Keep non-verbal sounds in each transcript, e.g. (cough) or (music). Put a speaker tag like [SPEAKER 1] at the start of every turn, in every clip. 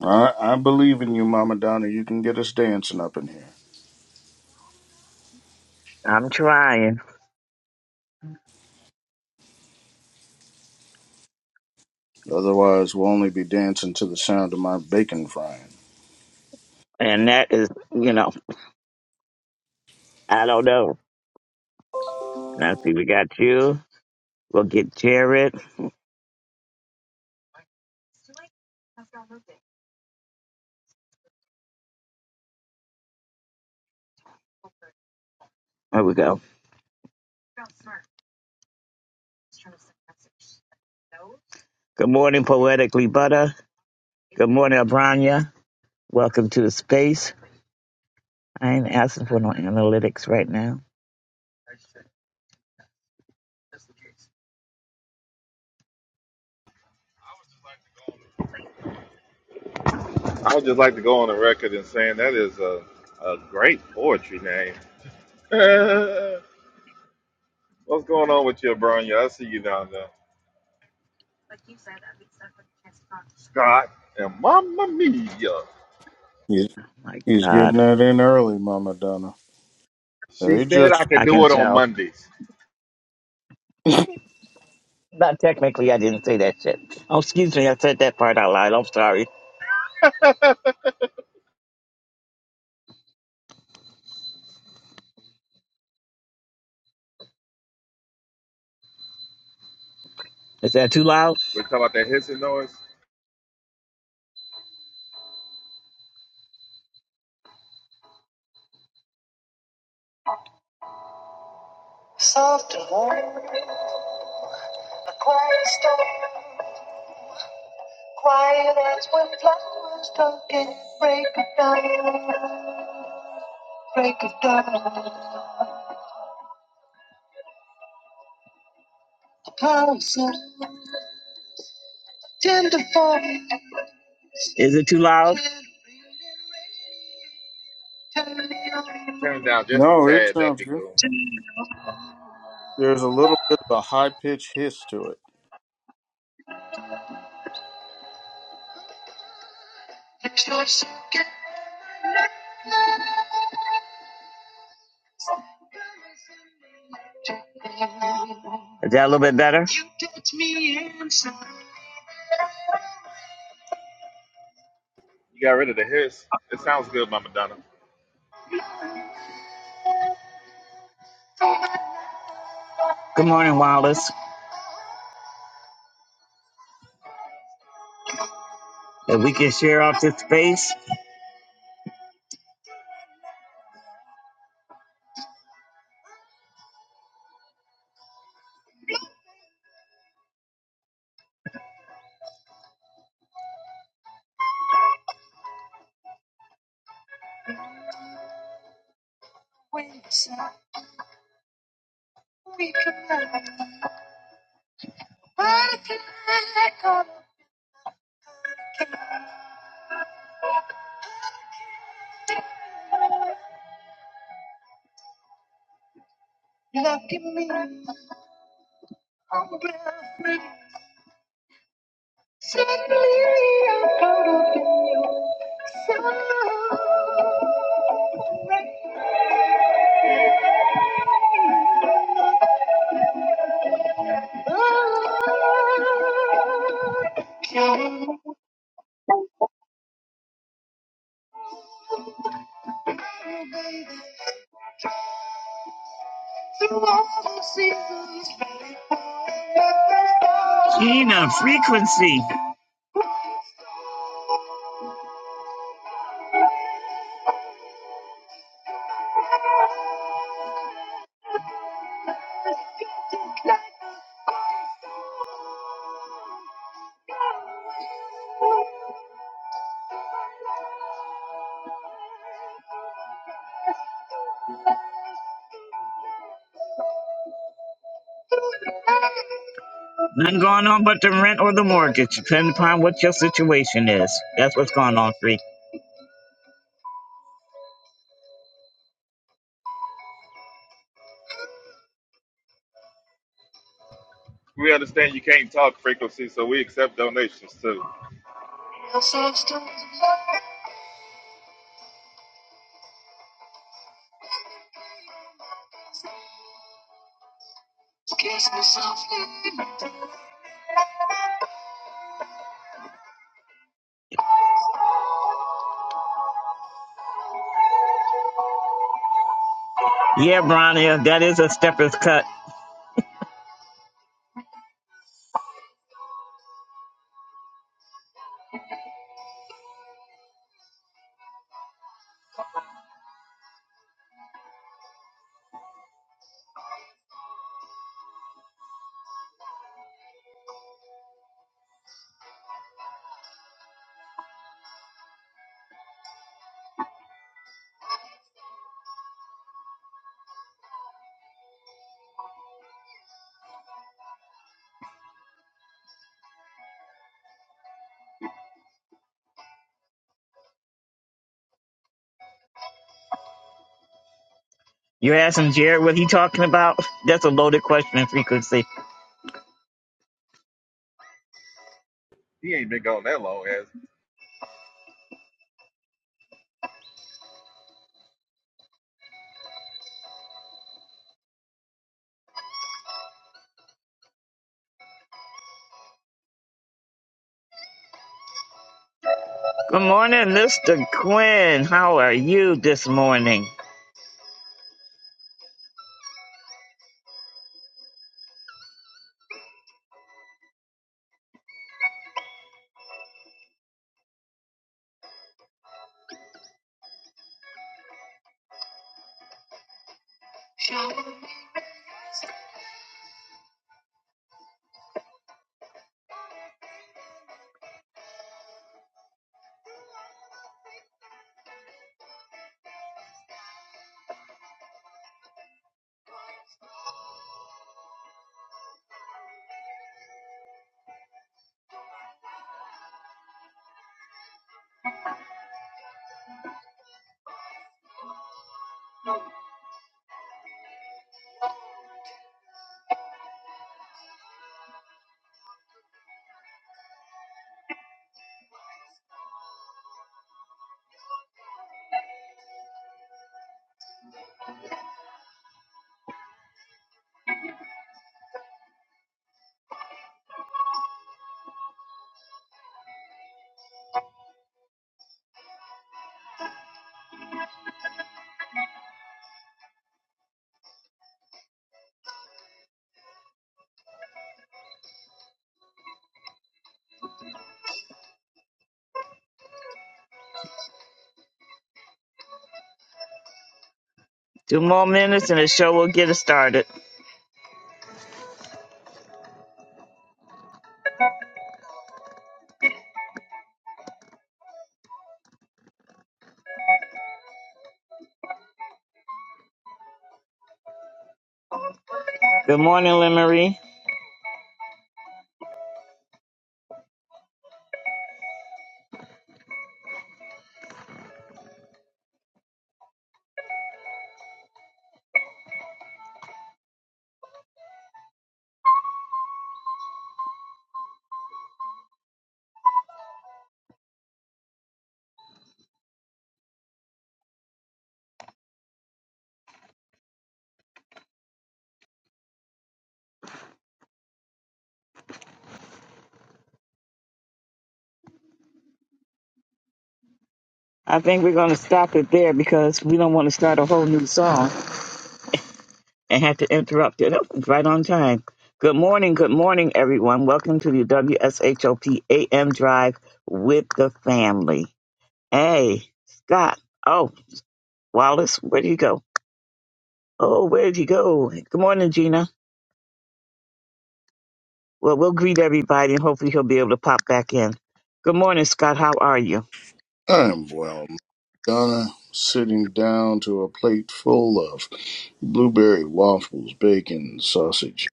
[SPEAKER 1] I, I believe in you, Mama Donna. You can get us dancing up in here. Otherwise, we'll only be dancing to the sound of my bacon frying.
[SPEAKER 2] I would just like to go on the record and saying that is a, a great poetry name. (laughs) What's going on with you, Bronya? I see you down there. Scott and Mamma Mia.
[SPEAKER 1] He's, he's getting that in early, Mama Donna.
[SPEAKER 2] She
[SPEAKER 1] They
[SPEAKER 2] said I
[SPEAKER 1] just.
[SPEAKER 2] could do it on Mondays.
[SPEAKER 1] (laughs)
[SPEAKER 2] We're talking about that hissing noise.
[SPEAKER 3] Soft and warm, a quiet storm, quiet as when flowers don't get break of dawn, break of dawn. A power so tender for me, turn me
[SPEAKER 2] Turn it
[SPEAKER 3] on,
[SPEAKER 2] down just a
[SPEAKER 1] no, it
[SPEAKER 2] tad. That'd
[SPEAKER 1] sounds
[SPEAKER 2] be
[SPEAKER 1] good.
[SPEAKER 2] cool.
[SPEAKER 3] turn me on.
[SPEAKER 1] There's a little bit of a high pitched hiss to it.
[SPEAKER 3] Fix your second you touch me inside, some
[SPEAKER 2] You got rid of the hiss. It sounds good, Mama Donna.
[SPEAKER 3] when inside we collide, butterfly like all Lucky me, oh bless me. Suddenly I'm caught up in you. So, oh, baby. You wanna see who's better.
[SPEAKER 2] We understand you can't talk frequency, so we accept donations too.
[SPEAKER 3] Your substance. Kiss me softly. In
[SPEAKER 2] He ain't been gone that long, as
[SPEAKER 1] I am well, Madonna, sitting down to a plate full of blueberry waffles, bacon, sausage.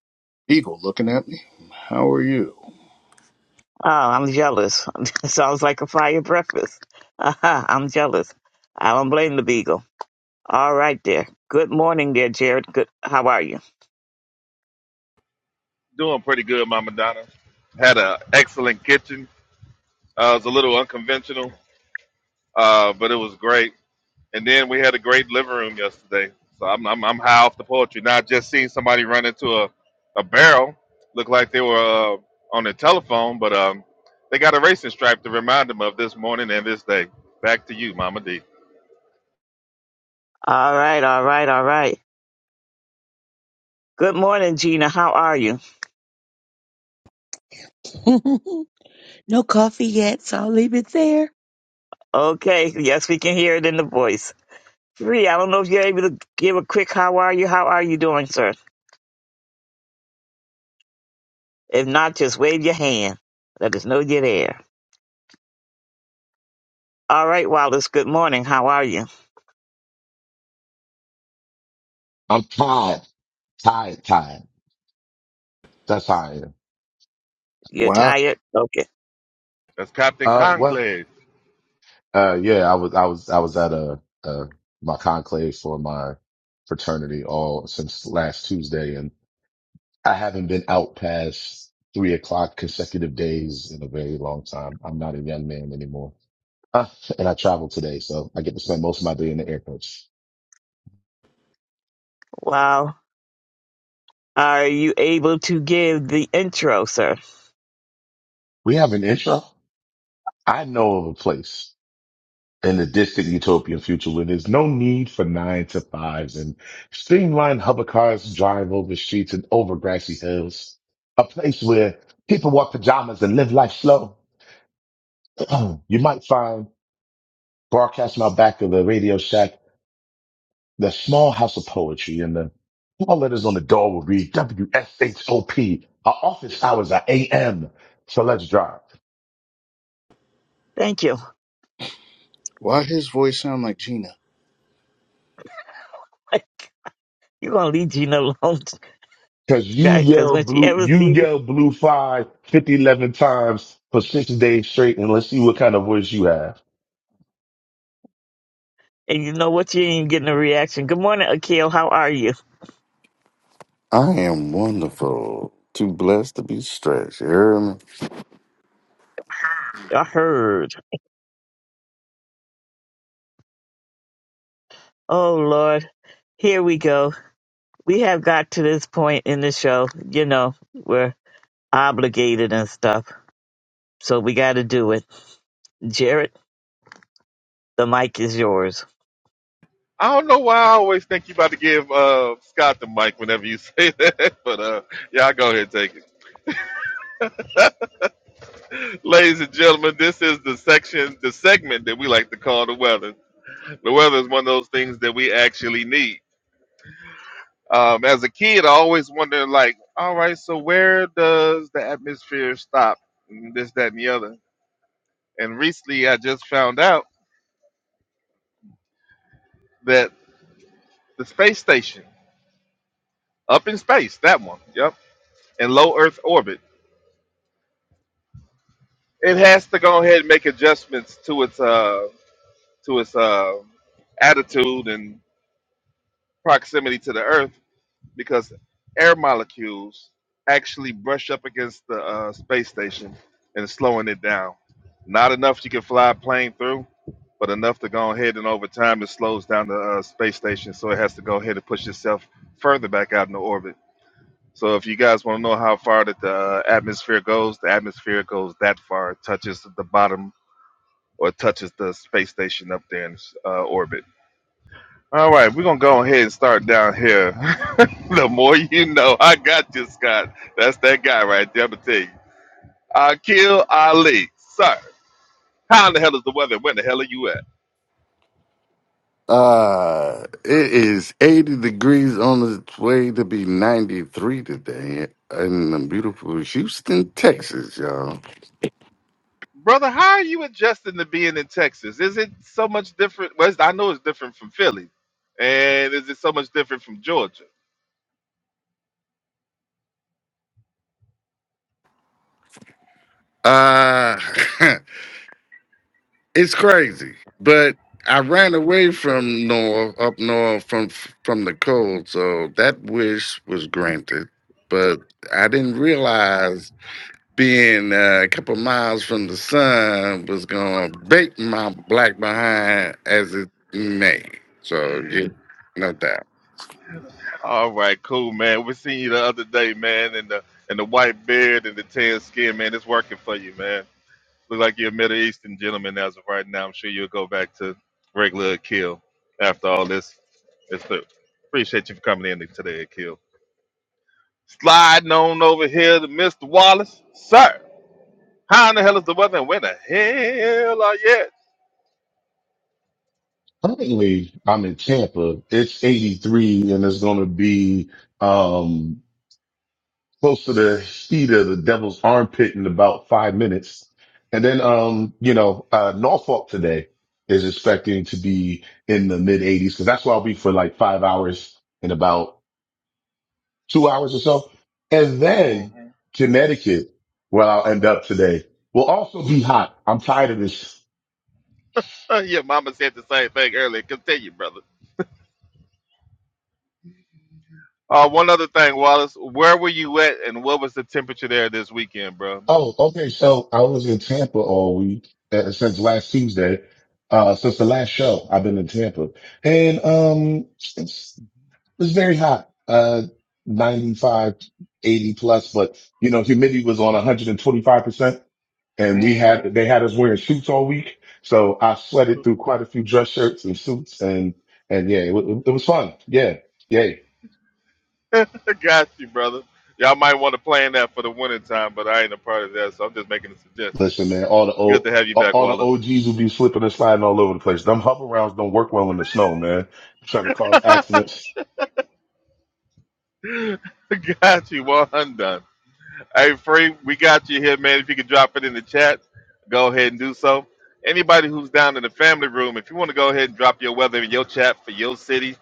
[SPEAKER 1] Eagle looking at me. How are you?
[SPEAKER 2] doing pretty good, Mama Donna. Had an excellent kitchen. Uh, it was a little unconventional Uh, but it was great. And then we had a great living room yesterday. So I'm, I'm, I'm high off the poetry. Not just seeing somebody run into a, a barrel, Looked like they were uh, on the telephone, but um, they got a racing stripe to remind them of this morning and this day. Back to you, Mama D.
[SPEAKER 4] (laughs) no coffee yet, so I'll leave it there.
[SPEAKER 5] I'm tired, tired, tired. That's how I am.
[SPEAKER 1] Why?
[SPEAKER 2] That's Captain
[SPEAKER 5] Uh, well,
[SPEAKER 2] Conclave.
[SPEAKER 5] uh, yeah, I was, I was, I was at a, uh, my conclave for my fraternity all since last Tuesday and I haven't been out past three o'clock consecutive days in a very long time. I'm not a young man anymore. Uh, and I travel today, so I get to spend most of my day in the airports. We have an intro. I know of a place. in the distant utopian future where there's no need for nine to fives and streamlined hover cars drive over streets and over grassy hills, a place where people wear pajamas and live life slow. (clears throat) you might find broadcasting out back of the Radio Shack, the small house of poetry and the small letters on the door will read WSHOP. Our office hours are AM. So let's drive.
[SPEAKER 1] Why his voice sound like Gina?
[SPEAKER 5] Cause you yell blue, you yell blue five 50, eleven times for six days straight. And let's see what kind of voice you have.
[SPEAKER 6] I am wonderful. Too blessed to be stretched. You hear me?
[SPEAKER 2] I don't know why I always think you about to give uh, Scott the mic whenever you say (laughs) that, but uh, y'all go ahead and take it. Ladies and gentlemen, this is the section, the segment that we like to call the weather. The weather is one of those things that we actually need. Um, as a kid, I always wondered, like, all right, so where does the atmosphere stop? And This, that, and the other. And recently, I just found out that the space station, up in space, that one, yep, in low Earth orbit, it has to go ahead and make adjustments to its uh to its uh attitude and proximity to the Earth because air molecules actually brush up against the uh, space station and slowing it down. Not enough you can fly a plane through, but enough to go ahead and over time it slows down the uh, space station, so it has to go ahead and push itself further back out into orbit. So if you guys want to know how far that the uh, atmosphere goes, the atmosphere goes that far, it touches the bottom or touches the space station up there in uh, orbit. All right, we're gonna go ahead and start down here. (laughs) the more you know, I got you, Scott. That's that guy right there. I'm gonna tell you. Akil Ali, sir. How in the hell is the weather? Where the hell are you at,
[SPEAKER 6] Uh, it is 80 degrees on its way to be 93 today in the beautiful Houston, Texas, y'all.
[SPEAKER 2] brother? How are you adjusting to being in Texas? Is it so much different? Well, it's- I know it's different from Philly, and is it so much different from Georgia?
[SPEAKER 6] Uh, (laughs) it's crazy, but I ran away from north, up north from from the cold, so that wish was granted. But I didn't realize being uh, a couple miles from the sun was gonna bake my black behind as it may. So yeah, no doubt.
[SPEAKER 2] All right, cool, man. We seen you the other day, man, and the and the white beard and the tan skin, man. It's working for you, man. Look like you're a Middle Eastern gentleman as of right now. I'm sure you'll go back to regular Akil after all this is through. Appreciate you for coming in today, Akil. Sliding on over here to Mr. Wallace. Sir, how in the hell is the weather and where the hell are you at?
[SPEAKER 5] Currently, I'm in Tampa. It's 83 and it's going to be, um, close to the heat of the devil's armpit in about five minutes. And then, um, you know, uh, Norfolk today is expecting to be in the mid eighties. Cause that's where I'll be for like five hours in about two hours or so. And then
[SPEAKER 2] Mhm.
[SPEAKER 5] Connecticut, where I'll end up today, will also be hot. I'm tired of this.
[SPEAKER 2] Uh, yeah, Mama said the same thing earlier. Continue, brother. Uh, one other thing, Wallace. Where were you at and what was the temperature there this weekend, bro?
[SPEAKER 5] Oh, okay. So I was in Tampa all week uh, since last Tuesday. Uh, since the last show, I've been in Tampa and, um, it's, it's very hot. Uh, 95, eighty plus, but you know, humidity was on 125%. and we
[SPEAKER 2] hmm
[SPEAKER 5] had they had us wearing suits all week. So I sweated through quite a few dress shirts and suits, and and yeah, it, wa- it was fun. Yeah, yay!
[SPEAKER 2] (laughs) Got you, brother. Y'all might want to plan that for the winter time, but I ain't a part of that, so I'm just making a suggestion.
[SPEAKER 5] Listen, man, all the
[SPEAKER 2] Good
[SPEAKER 5] old.
[SPEAKER 2] to have you back,
[SPEAKER 5] All the
[SPEAKER 2] Wallace.
[SPEAKER 5] OGs will be slipping and sliding all over the place. Them hover rounds don't work well in the snow, man. Trying to
[SPEAKER 2] (laughs)
[SPEAKER 5] cause
[SPEAKER 2] got
[SPEAKER 5] accidents.
[SPEAKER 2] you. Well undone. Hey, Free, we got you here, man. If you could drop it in the chat, go ahead and do so. Anybody who's down in the family room, if you want to go ahead and drop your weather in your chat for your city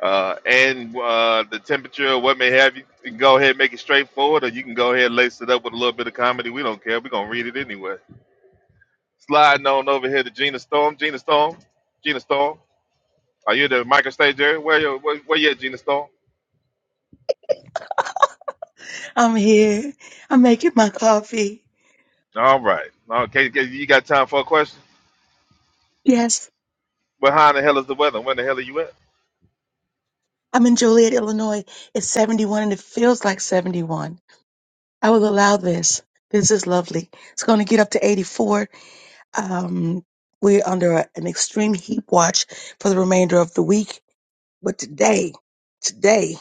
[SPEAKER 2] uh, and uh, the temperature or what may have you, you can go ahead and make it straightforward, or you can go ahead and lace it up with a little bit of comedy. We don't care. We're going to read it anyway. Sliding on over here to Gina Storm. Gina Storm. Gina Storm. Are you at the micro stage area? Where you where, where you at, Gina Storm?
[SPEAKER 4] I'm here. I'm making my coffee.
[SPEAKER 2] All right. Okay, okay, you got time for a question?
[SPEAKER 4] Yes,
[SPEAKER 2] Well, how in the hell is the weather? When the hell are you at?
[SPEAKER 4] I'm in Joliet, Illinois. It's 71 and it feels like 71. I will allow this. This is lovely. It's going to get up to 84. Um, we're under a- an extreme heat watch for the remainder of the week. But today, today,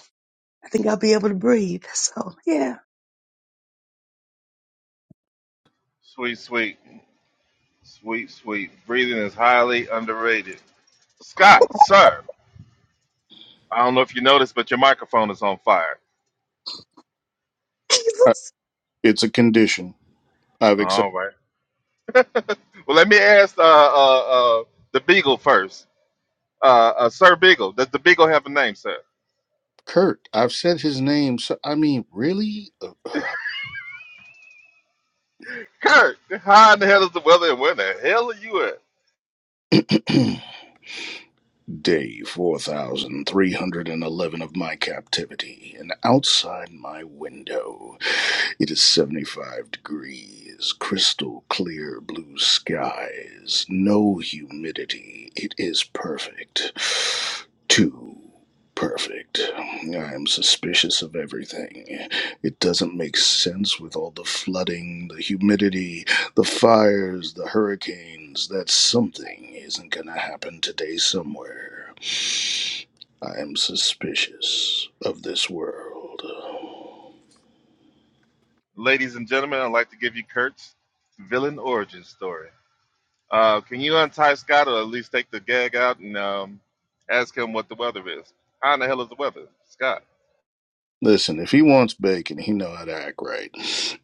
[SPEAKER 4] I think I'll be able to breathe. So, yeah.
[SPEAKER 2] Sweet, sweet, sweet, sweet. Breathing is highly underrated.
[SPEAKER 4] (laughs)
[SPEAKER 2] Scott, sir. I don't know if you noticed, but your microphone is on fire.
[SPEAKER 1] Uh,
[SPEAKER 4] Jesus.
[SPEAKER 1] it's a condition. I've
[SPEAKER 2] All
[SPEAKER 1] accepted
[SPEAKER 2] right. Well, let me ask uh, uh, uh, the Beagle first. Uh, uh, sir Beagle, does the Beagle have a name, sir?
[SPEAKER 1] Kurt. I've said his name. So I mean, really,
[SPEAKER 2] Kurt, how in the hell is the weather and where the hell are you at?
[SPEAKER 1] (clears throat) day four thousand three hundred and eleven of my captivity, and outside my window, it is seventy-five degrees, crystal clear blue skies, no humidity. It is perfect. Too perfect. I am suspicious of everything. It doesn't make sense with all the flooding, the humidity. The fires, the hurricanes, that something isn't gonna happen today somewhere. I am suspicious of this world.
[SPEAKER 2] Ladies and gentlemen, I'd like to give you Kurt's villain origin story. Uh, can you untie Scott or at least take the gag out and um, ask him what the weather is? How in the hell is the weather, Scott?
[SPEAKER 1] Listen, if he wants bacon, he know how to act right.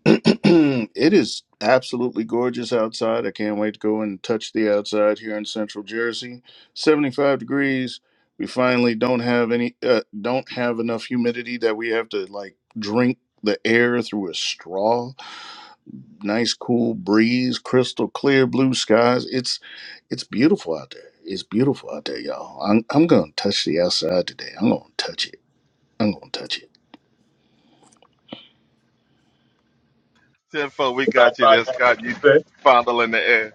[SPEAKER 1] (clears throat) it is absolutely gorgeous outside. I can't wait to go and touch the outside here in Central Jersey. 75 degrees. We finally don't have any uh, don't have enough humidity that we have to like drink the air through a straw. nice cool breeze, crystal clear blue skies. It's it's beautiful out there. It's beautiful out there, y'all. I'm I'm gonna touch the outside today. I'm gonna touch it. I'm gonna touch it.
[SPEAKER 2] Tenfold, we
[SPEAKER 5] That's all
[SPEAKER 2] got you
[SPEAKER 5] I
[SPEAKER 2] there, Scott. You
[SPEAKER 5] can say.
[SPEAKER 2] fondle in the air.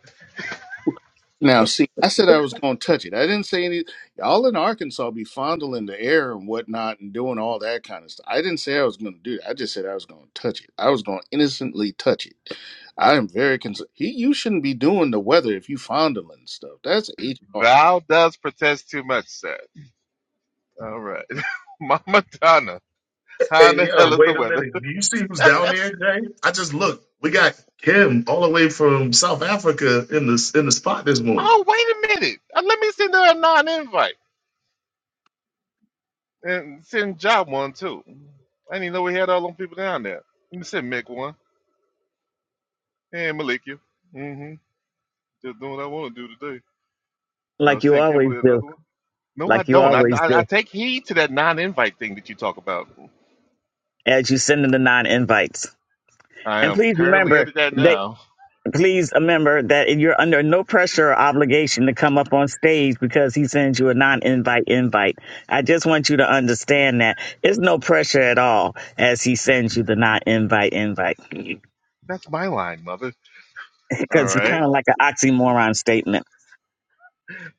[SPEAKER 1] Now, see, I said I was gonna touch it. I didn't say any. Y'all in Arkansas be fondling the air and whatnot and doing all that kind of stuff. I didn't say I was gonna do that. I just said I was gonna touch it. I was gonna innocently touch it. I am very concerned. He, you shouldn't be doing the weather if you fondling stuff. That's HR.
[SPEAKER 2] Thou does protest too much, sir. All right. (laughs) Mama Donna, how in
[SPEAKER 5] Hey,
[SPEAKER 2] the
[SPEAKER 5] yo,
[SPEAKER 2] hell is the
[SPEAKER 5] wait a
[SPEAKER 2] weather? (laughs)
[SPEAKER 5] minute. Do you see who's down there, Jay? I just looked. We got Kim all the way from South Africa in this in the spot this morning.
[SPEAKER 2] Oh, wait a minute. Uh, let me send her a non invite and send Job one, too. I didn't even know we had all them people down there. Let me send Mick one. And Malikia. Mm-hmm. Just doing what I want to do today. Uh, send Kimberly another one. No, I don't. I, I, I take heed to that non-invite thing that you talk about. I am currently at that now. That's my line, mother. All right.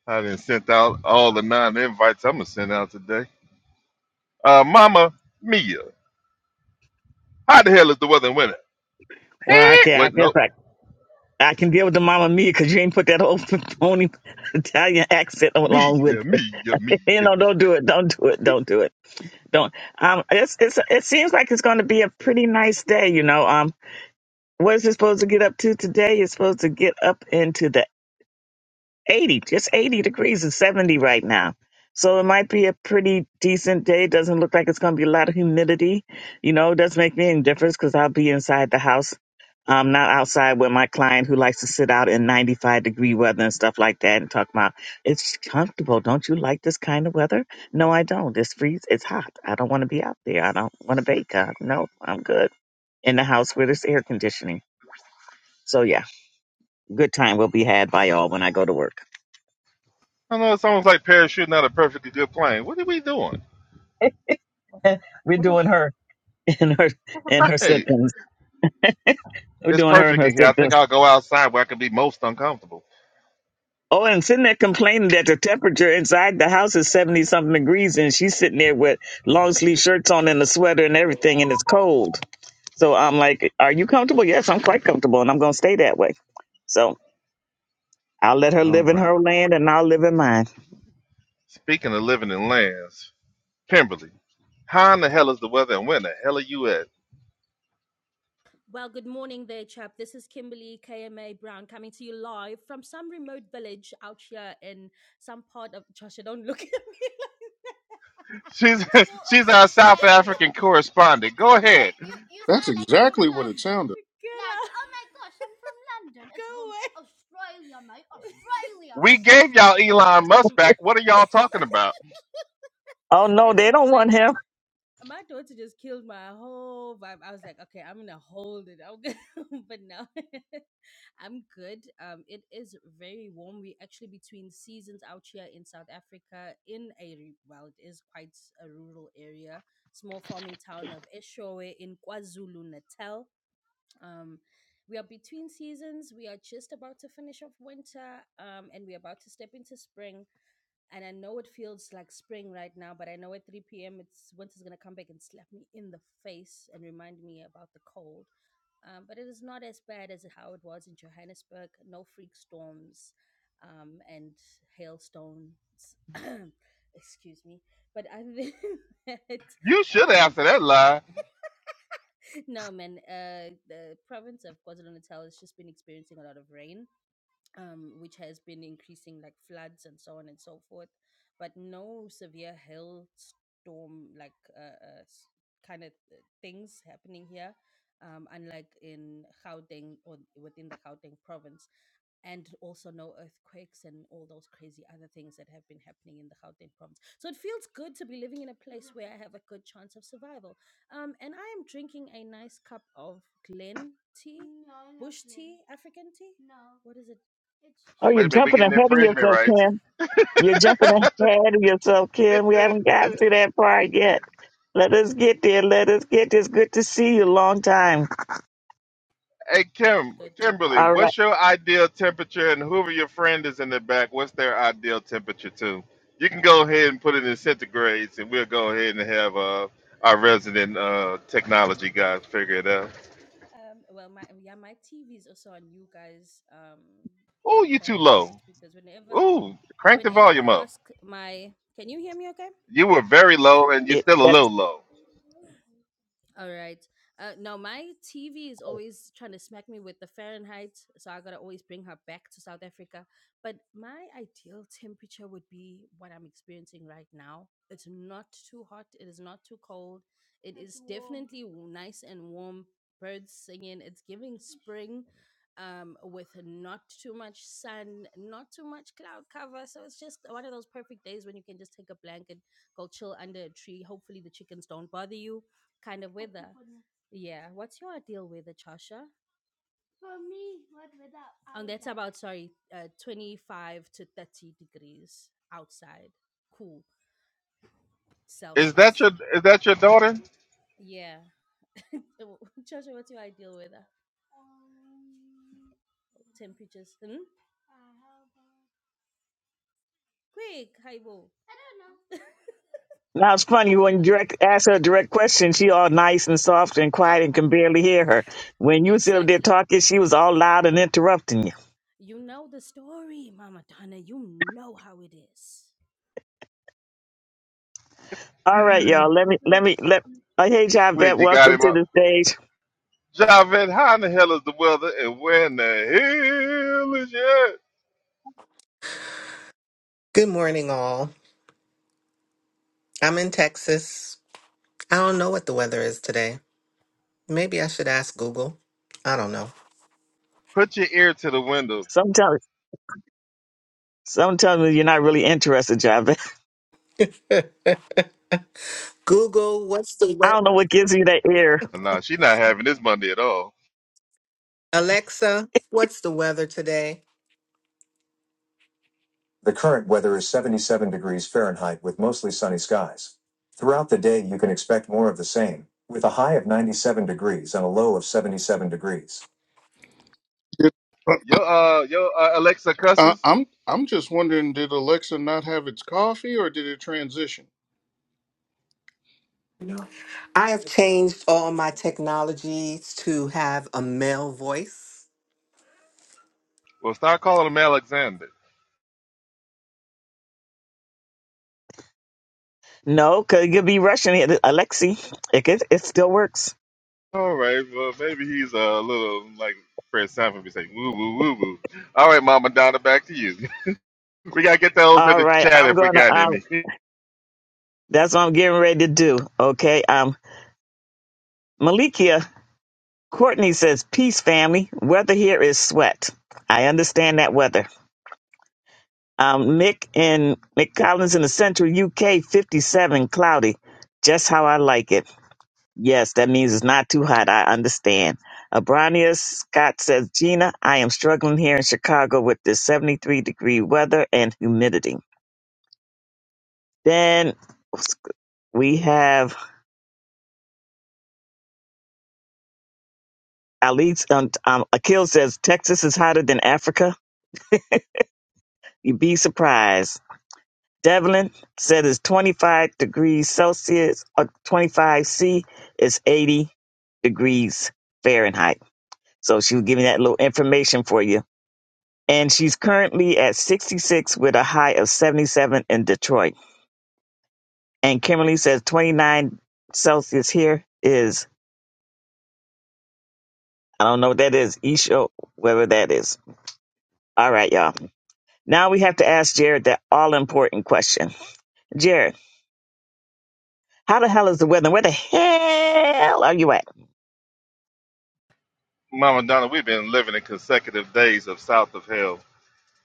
[SPEAKER 2] I didn't sent out all the non-invites I'm gonna send out today. Uh, Mama Mia, how the hell is the weather in winter? Hey, what? No. Mia, Mia, Mia. I know it sounds like parachuting out a perfectly good plane. What are we doing? What the- Right. It's perfect in here. I think I'll go outside where I can be most uncomfortable. All right. Speaking of living in lands, Kimberly, how in the hell is the weather and where in the hell are you at?
[SPEAKER 7] Well, good morning there, chap. This is Kimberly KMA Brown coming to you live from some remote village out here in some part of Joshua. Don't look at me. (laughs)
[SPEAKER 2] She's
[SPEAKER 7] It's
[SPEAKER 2] (laughs)
[SPEAKER 7] called
[SPEAKER 2] she's our South
[SPEAKER 7] Australia. (laughs)
[SPEAKER 2] African correspondent. Go
[SPEAKER 7] You don't
[SPEAKER 2] ahead.
[SPEAKER 7] you you
[SPEAKER 1] That's
[SPEAKER 7] sound like you're from
[SPEAKER 1] exactly what it
[SPEAKER 7] London.
[SPEAKER 1] sounded.
[SPEAKER 7] (laughs) Get Like, oh my gosh, I'm from London. It's Go away. Australia, mate. Australia. (laughs)
[SPEAKER 2] We gave y'all
[SPEAKER 7] That's okay.
[SPEAKER 2] Elon
[SPEAKER 7] That's
[SPEAKER 2] Musk back. What are y'all talking about?
[SPEAKER 7] that's my, like my daughter just killed my whole vibe. I was like, okay, I'm gonna hold it. I'm gonna, (laughs) but no. (laughs) I'm good. Um, it is very warm. We're actually between seasons out here in South Africa in a, re- well, it is quite a rural area, small farming town of Eshowe in KwaZulu Natal. Um, we are between seasons. We are just about to finish off winter um, and we're about to step into spring and I know it feels like spring right now, but I know at 3 p.m. it's winter's gonna come back and slap me in the face and remind me about the cold. Um, but it is not as bad as how it was in Johannesburg. No freak storms um, and hailstones. (clears throat) Excuse me. But other than (laughs) that,
[SPEAKER 2] You
[SPEAKER 7] and
[SPEAKER 2] should
[SPEAKER 7] I'm
[SPEAKER 2] answer that lie.
[SPEAKER 7] no man. Uh, the province of KwaZulu Natal has just been experiencing a lot of rain um, which has been increasing like floods and so on and so forth, but no severe hailstorm like uh, uh, kind of uh, things happening here, um, unlike in Gauteng or within the Gauteng province and also no earthquakes and all those crazy other things that have been happening in the Gauteng province. So it feels good to be living in a place where I have a good chance of survival. Um, and I am drinking a nice cup of Glen tea, No, bush Glen. tea, African tea. No, What is it? it's just
[SPEAKER 2] Wait a minute, we getting
[SPEAKER 7] it's it's not
[SPEAKER 2] infringement
[SPEAKER 7] even Okay,
[SPEAKER 2] rights.
[SPEAKER 7] rubbish. It's just black (laughs) tea.
[SPEAKER 2] Hey Kim,
[SPEAKER 7] good to be
[SPEAKER 2] Kimberly,
[SPEAKER 7] back.
[SPEAKER 2] what's your ideal temperature, and whoever your friend is in the back, what's their ideal temperature too? You can go ahead and put it in centigrades, and we'll go ahead and have uh, our resident uh, technology guys figure it out.
[SPEAKER 7] Um, well, my yeah, my TV is also on you guys, um,
[SPEAKER 2] Oh,
[SPEAKER 7] uh,
[SPEAKER 2] you too
[SPEAKER 7] Fahrenheit,
[SPEAKER 2] low.
[SPEAKER 7] because whenever
[SPEAKER 2] Ooh, crank the
[SPEAKER 7] whenever
[SPEAKER 2] volume
[SPEAKER 7] I
[SPEAKER 2] up.
[SPEAKER 7] ask my, can you hear me? Okay.
[SPEAKER 2] You were very low, and
[SPEAKER 7] Okay.
[SPEAKER 2] you're still a little low.
[SPEAKER 7] All right. Uh, now my TV is always trying to smack me with the Fahrenheit, so I gotta always bring her back to South Africa. But my ideal temperature would be what I'm experiencing right now. It's not too hot. It is not too cold. It It's is too warm. definitely w- nice and warm. Birds singing. It's giving spring, um, with not too much sun, not too much cloud cover. So it's just one of those perfect days when you can just take a blanket, go chill under a tree. Hopefully the chickens don't bother you kind of weather. Yeah. What's your ideal weather, Chasha? For me, what weather I And would that's like? about, sorry, uh, 25 to 30 degrees outside. Cool.
[SPEAKER 2] Is that
[SPEAKER 7] Celsius.
[SPEAKER 2] your is that your daughter?
[SPEAKER 7] Sorry. Yeah. (laughs) Chasha, what's your ideal weather? Um, Temperatures. Hmm? uh, how about? Quick, Haibo. I don't know. (laughs) Okay. To me, it's like sweaty. Oh, (sighs) exactly. You know the story, Mama Donna. You know how it is.
[SPEAKER 2] Sweet, you got him up. Javed, how in the hell is the weather, and where in the hell is your?
[SPEAKER 8] Good morning, all. I'm in Texas. I don't know what the weather is today. Maybe I should ask Google. I don't know.
[SPEAKER 2] Put your ear to the window
[SPEAKER 8] Google, what's the weather?
[SPEAKER 2] Nah, she not having this Monday at all.
[SPEAKER 8] Alexa, what's the weather today? The current weather is 77 degrees Fahrenheit with mostly sunny skies. Throughout the day, you can expect more of the same, with a high of 97 degrees and a low of 77 degrees.
[SPEAKER 1] Did,
[SPEAKER 2] Yo, uh, yo, uh, Alexa
[SPEAKER 1] Uh,
[SPEAKER 2] cusses.
[SPEAKER 1] I'm I'm just wondering, did Alexa not have its coffee, or did it transition?
[SPEAKER 8] I have changed all my technologies to have a male voice.
[SPEAKER 2] Well, start calling him Alexander. All right, well, maybe he's a little like Fred Sanford be saying woo woo woo woo. All right, Mama Donna, back to you. (laughs) we gotta get those in the chat if we got any. (laughs) Mama Donna, we've been living in consecutive days of south of hell.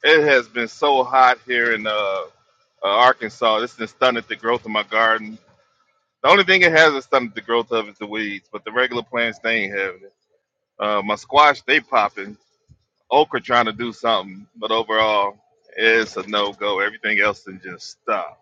[SPEAKER 2] It has been so hot here in uh, uh Arkansas. This has stunted the growth of my garden. The only thing it hasn't stunted the growth of is the weeds, but the regular plants they ain't having it. Uh, my squash, they popping. Okra trying to do something, but overall, it's a no go. Everything else can just stop.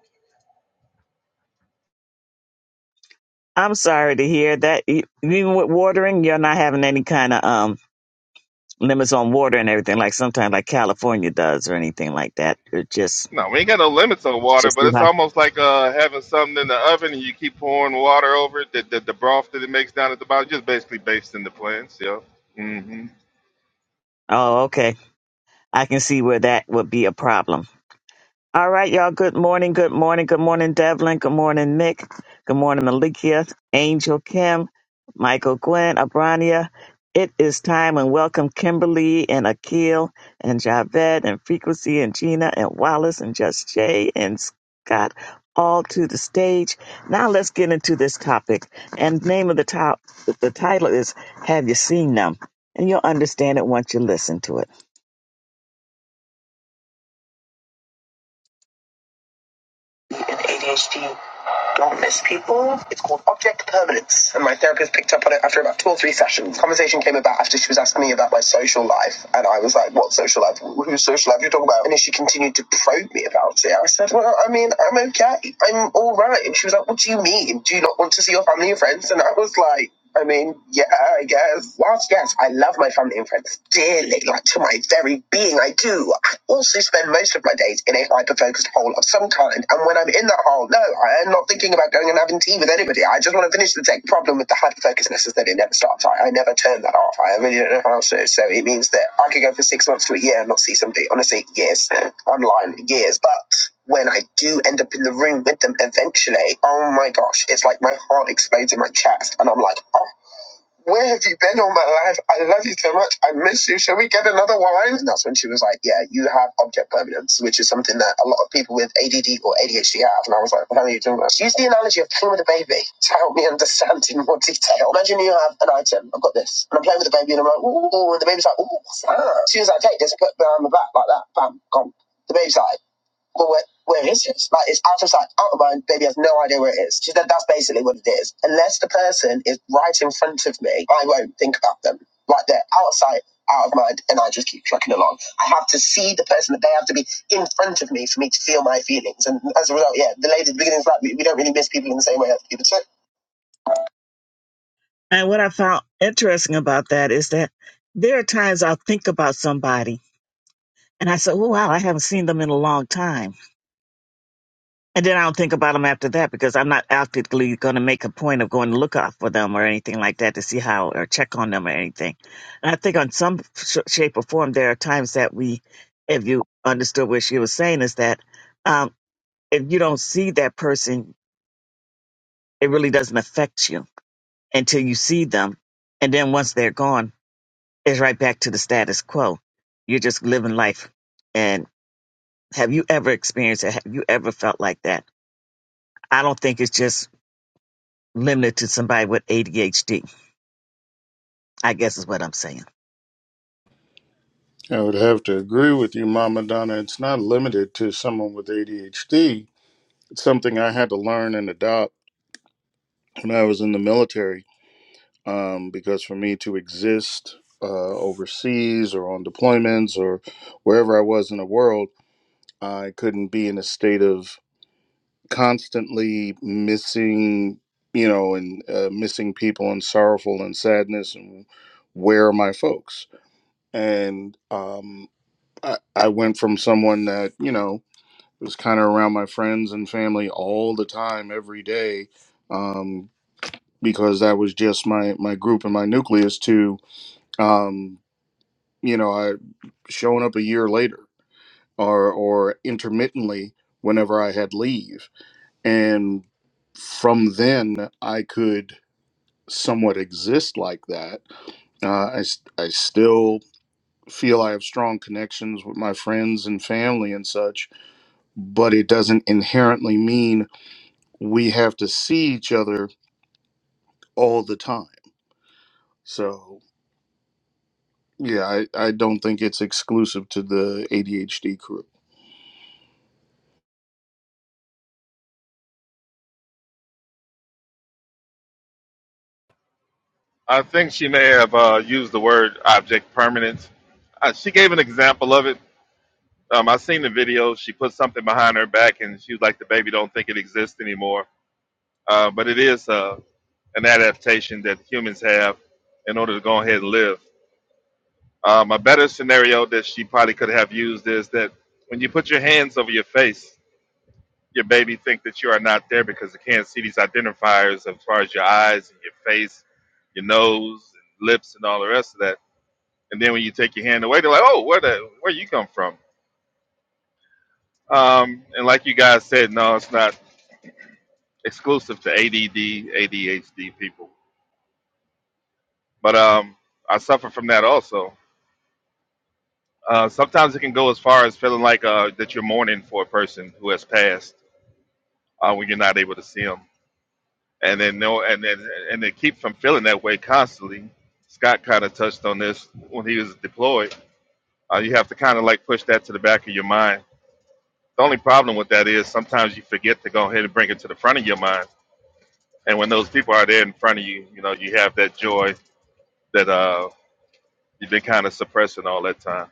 [SPEAKER 2] No, we ain't got no limits on water, but it's almost like uh, having something in the oven and you keep pouring water over it. The, the, the broth that it makes down at the bottom, just basically based in the plants. Yeah. hmm
[SPEAKER 3] ADHD, don't miss people. It's called object permanence, and my therapist picked up on it after about two or three sessions. Conversation came about after she was asking me about my social life, and I was like, "What social life? Wh- Whose social life are you talking about?" And then she continued to probe me about it. I said, "Well, I mean, I'm okay. I'm all right." And she was like, "What do you mean? Do you not want to see your family and friends?" And I was like. I mean, yeah, I guess. Whilst, yes, I love my family and friends dearly, like to my very being, I do. I also spend most of my days in a hyper focused hole of some kind. And when I'm in that hole, no, I am not thinking about going and having tea with anybody. I just want to finish the tech problem with the hyper focusedness is that it never stops. I, I never turn that off. I really don't know how else to. So it means that I could go for six months to a year and not see somebody. Honestly, years. (laughs) Online, years. but when I do end up in the room with them eventually, oh my gosh, it's like my heart explodes in my chest. And I'm like, oh, where have you been all my life? I love you so much. I miss you. Shall we get another wine? And that's when she was like, yeah, you have object permanence, which is something that a lot of people with ADD or ADHD have. And I was like, well, how are you doing that? She used the analogy of playing with a baby to help me understand in more detail. Imagine you have an item. I've got this. And I'm playing with the baby and I'm like, ooh. And the baby's like, ooh, what's that? She was like, take this, put it behind my back like that. Bam, gone. The baby's like, but where, where is it? Like it's out of sight, out of mind. Baby has no idea where it is. She said that's basically what it is. Unless the person is right in front of me, I won't think about them. Like they're out of sight, out of mind, and I just keep trucking along. I have to see the person. That they have to be in front of me for me to feel my feelings. And as a result, yeah, the lady at the beginning is like, we don't really miss people in the same way other people do.
[SPEAKER 1] I would have to agree with you, Mama Donna. It's not limited to someone with ADHD. It's something I had to learn and adopt when I was in the military, um, because for me to exist uh, overseas or on deployments or wherever I was in the world, I couldn't be in a state of constantly missing you know and uh, missing people and sorrowful and sadness and where are my folks and um I, I went from someone that you know was kind of around my friends and family all the time every day um because that was just my my group and my nucleus to um you know i showing up a year later or or intermittently whenever i had leave and from then I could somewhat exist like that. Uh, I s- I still feel I have strong connections with my friends and family and such, but it doesn't inherently mean we have to see each other all the time. So yeah, I, I don't think it's exclusive to the ADHD crew.
[SPEAKER 2] I think she may have uh, used the word object permanence. Uh, she gave an example of it. Um, I seen the video. She put something behind her back and she was like, the baby don't think it exists anymore. Uh, but it is. Uh, an adaptation that humans have in order to go ahead and live. Um, a better scenario that she probably could have used is that when you put your hands over your face, your baby think that you are not there because it can't see these identifiers as far as your eyes and your face, your nose, and lips, and all the rest of that. And then when you take your hand away, they're like, "Oh, where the where you come from?" Um, and like you guys said, no, it's not exclusive to ADD, ADHD people, but um, I suffer from that also Uh, sometimes it can go as far as feeling like uh, that you're mourning for a person who has passed uh, when you're not able to see them, and then no, and then and they keep from feeling that way constantly. Scott kind of touched on this when he was deployed. Uh, you have to kind of like push that to the back of your mind. The only problem with that is sometimes you forget to go ahead and bring it to the front of your mind. And when those people are there in front of you, you know you have that joy that uh, you've been kind of suppressing all that time.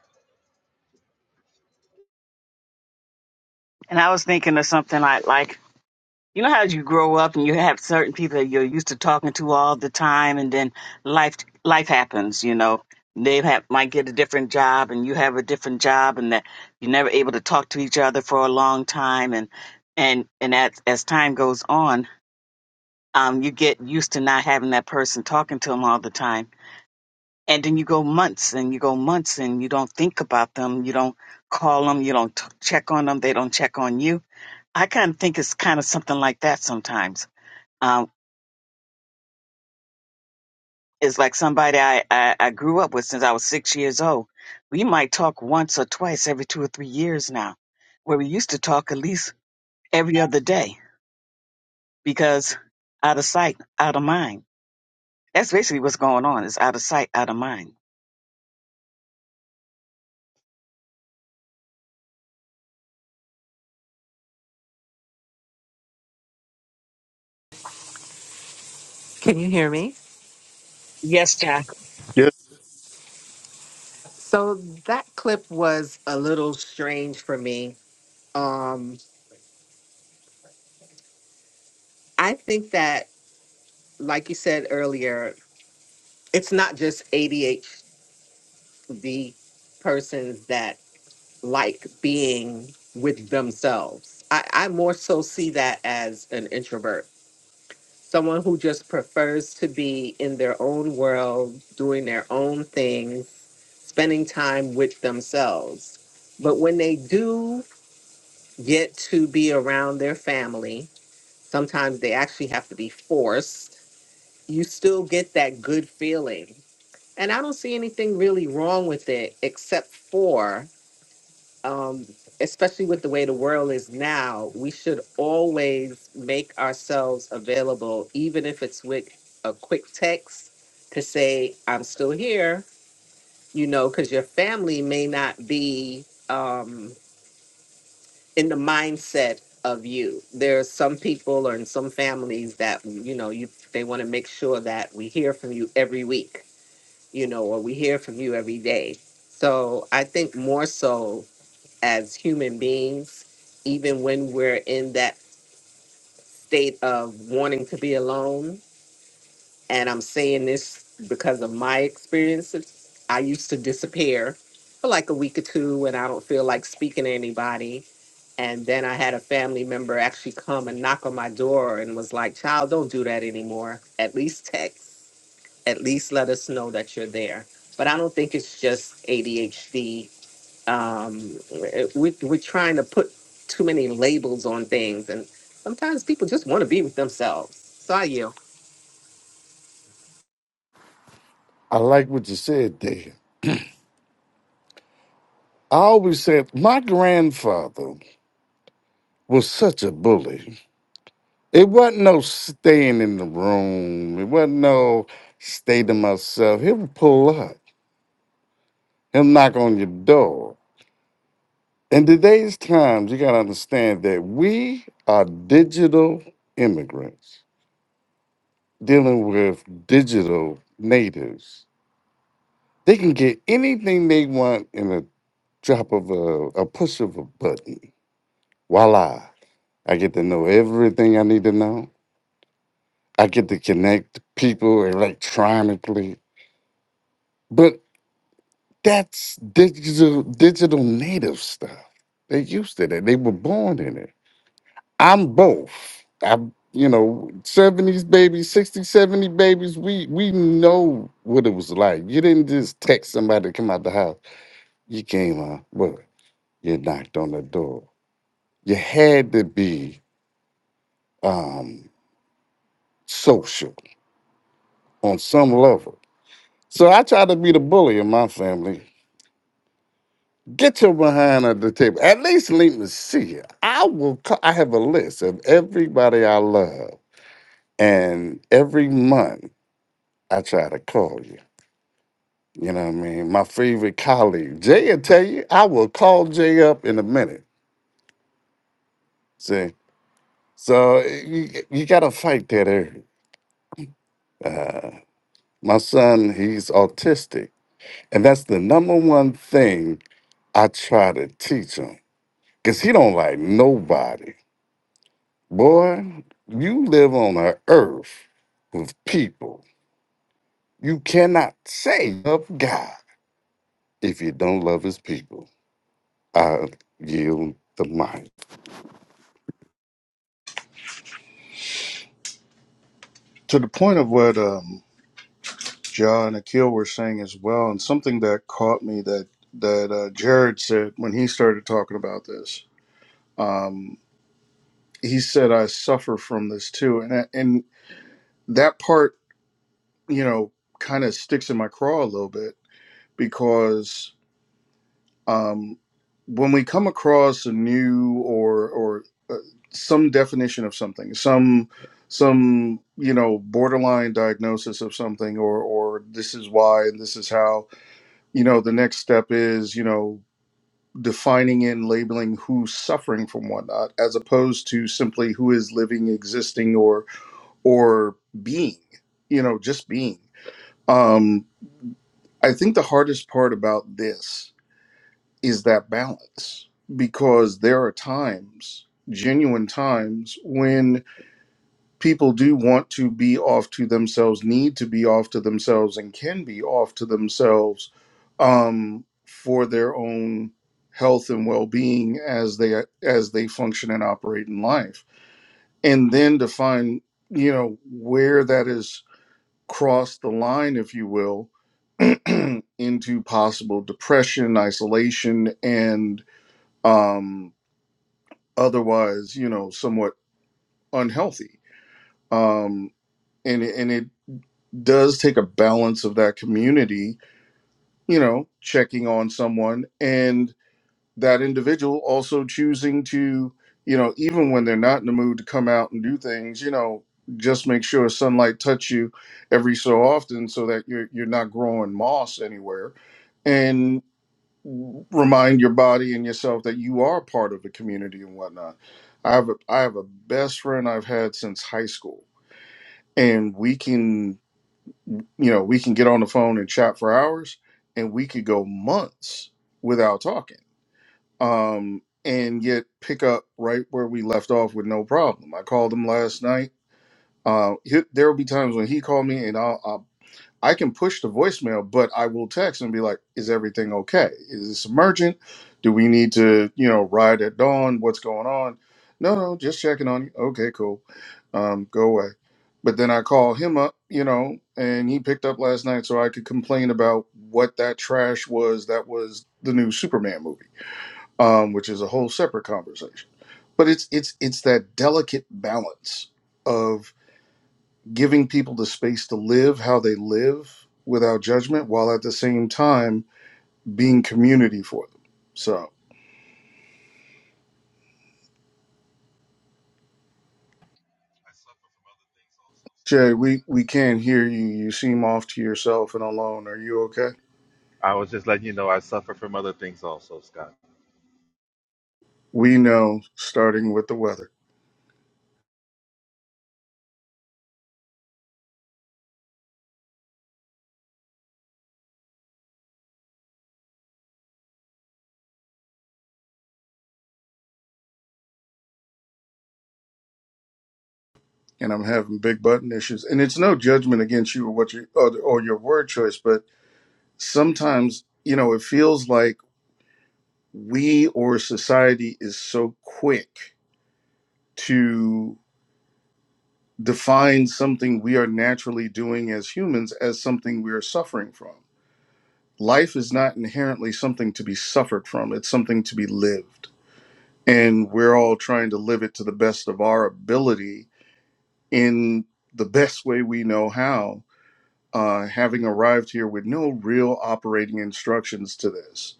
[SPEAKER 8] Can you hear me?
[SPEAKER 1] Yeah,
[SPEAKER 8] So that clip was a little strange for me. Um, I think that, like you said earlier, it's not just ADHD persons that like being with themselves. I, I more so see that as an introvert, someone who just prefers to be in their own world, doing their own things, spending time with themselves. But when they do get to be around their family, sometimes they actually have to be forced you still get that good feeling and i don't see anything really wrong with it except for um, especially with the way the world is now we should always make ourselves available even if it's with a quick text to say i'm still here you know because your family may not be Um, in the mindset of you. There are some people or in some families that you know you they want to make sure that we hear from you every week, you know, or we hear from you every day. So I think more so as human beings, even when we're in that state of wanting to be alone, and I'm saying this because of my experiences. I used to disappear for like a week or two, and I don't feel like speaking to anybody. And then I had a family member actually come and knock on my door and was like, "Child, don't do that anymore. At least text. At least let us know that you're there." But I don't think it's just ADHD. Um, we, we're trying to put too many labels on things, and sometimes people just want to be with themselves. So I yield.
[SPEAKER 6] I like what you said there. I always said my grandfather was such a bully. It wasn't no staying in the room. It wasn't no stay to myself. He would pull up. He'll knock on your door. In today's times, you gotta understand that we are digital immigrants. dealing with digital natives. They can get anything they want in a drop of a, a push of a button. Voila. I get to know everything I need to know. I get to connect people electronically. But that's digital digital native stuff. They used to that. They were born in it. I'm both. i you know, 70s babies, 60, 70 babies, we we know what it was like. You didn't just text somebody to come out the house. You came out, well, you knocked on the door. You had to be um social on some level. So I try to be the bully in my family. Get your behind at the table. At least let me see you. I will. Call, I have a list of everybody I love, and every month I try to call you You know what I mean? My favorite colleague. Jay will tell you, I will call Jay up in a minute. See? So you, you got to fight that area. My son, he's autistic. And that's the number one thing I try to teach him. Because he don't like nobody. Boy, you live on an earth with people. You cannot say love God if you don't love his people. I yield the mic.
[SPEAKER 1] to the point of what um, John Akil were saying as well, and something that caught me that that uh, Jared said when he started talking about this. Um, he said, "I suffer from this too," and I- and that part, you know, kind of sticks in my craw a little bit because um, when we come across a new or or uh, some definition of something, some some you know borderline diagnosis of something, or or this is why and this is how you know the next step is you know defining and labeling who's suffering from whatnot as opposed to simply who is living existing or or being you know just being um i think the hardest part about this is that balance because there are times genuine times when people do want to be off to themselves, need to be off to themselves, and can be off to themselves um, for their own health and well-being as they as they function and operate in life. And then to find, you know, where that is crossed the line, if you will, (clears throat) into possible depression, isolation, and um, otherwise, you know, somewhat unhealthy. Um, and it- and it does take a balance of that community, you know, checking on someone and that individual also choosing to, you know, even when they're not in the mood to come out and do things, you know, just make sure sunlight touch you every so often so that you're you're not growing moss anywhere and remind your body and yourself that you are part of the community and whatnot. I have a I have a best friend I've had since high school and we can you know, we can get on the phone and chat for hours and we could go months without talking. Um, and yet pick up right where we left off with no problem. I called him last night. Uh, he, there'll be times when he called me and I'll, I'll I can push the voicemail, but I will text and be like, is everything okay? Is this emergent? Do we need to, you know, ride at dawn? What's going on? No, no, just checking on you. Okay, cool. Um, go away. But then I call him up, you know, and he picked up last night so I could complain about what that trash was that was the new Superman movie, um, which is a whole separate conversation. But it's it's it's that delicate balance of giving people the space to live how they live without judgment while at the same time being community for them so jay we we can't hear you you seem off to yourself and alone are you okay
[SPEAKER 2] I was just letting you know I suffer from other things also, Scott.
[SPEAKER 1] we know starting with the weather and i'm having big button issues and it's no judgment against you or what you or, or your word choice but sometimes you know it feels like we or society is so quick to define something we are naturally doing as humans as something we are suffering from. Life is not inherently something to be suffered from, it's something to be lived. And we're all trying to live it to the best of our ability in the best way we know how, uh, having arrived here with no real operating instructions to this.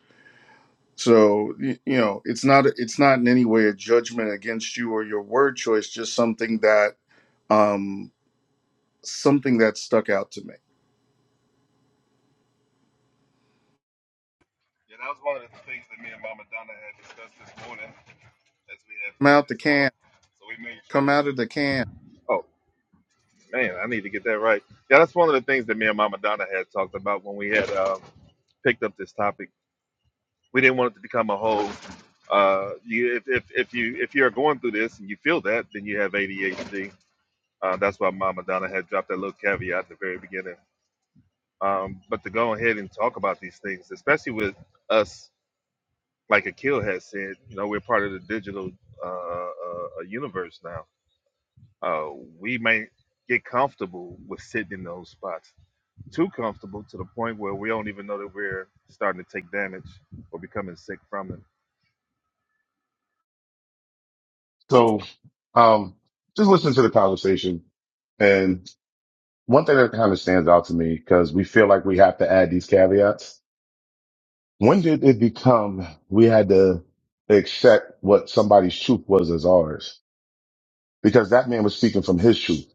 [SPEAKER 1] So y- you know, it's not it's not in any way a judgment against you or your word choice, just something that um, something that stuck out to me
[SPEAKER 2] Yeah, that was one of the things that me and Mama Donna had discussed this morning as we had
[SPEAKER 1] Come
[SPEAKER 2] picked
[SPEAKER 1] out the
[SPEAKER 2] this out.
[SPEAKER 1] can.
[SPEAKER 2] So we made sure
[SPEAKER 1] Come
[SPEAKER 2] that
[SPEAKER 1] out of
[SPEAKER 2] we.
[SPEAKER 1] the can.
[SPEAKER 2] Oh man, I need to get that right. Yeah, that's one of the things that me and Mama Donna had talked about when we had um, picked up this topic. We didn't want it to become a whole. Uh, you, if, if, if you if you're going through this and you feel that, then you have ADHD. Uh, that's why Mama Donna had dropped that little caveat at the very beginning. Um, but to go ahead and talk about these things, especially with us like Akil has said, you know, we're part of the digital uh, uh, uh, universe now. Uh, we may get comfortable with sitting in those spots, too comfortable to the point where we don't even know that we're starting to take damage or becoming sick from it.
[SPEAKER 5] So, um, just listen to the conversation. One thing that kind of stands out to me because we feel like we have to add these caveats. When did it become we had to accept what somebody's truth was as ours? Because that man was speaking from his truth,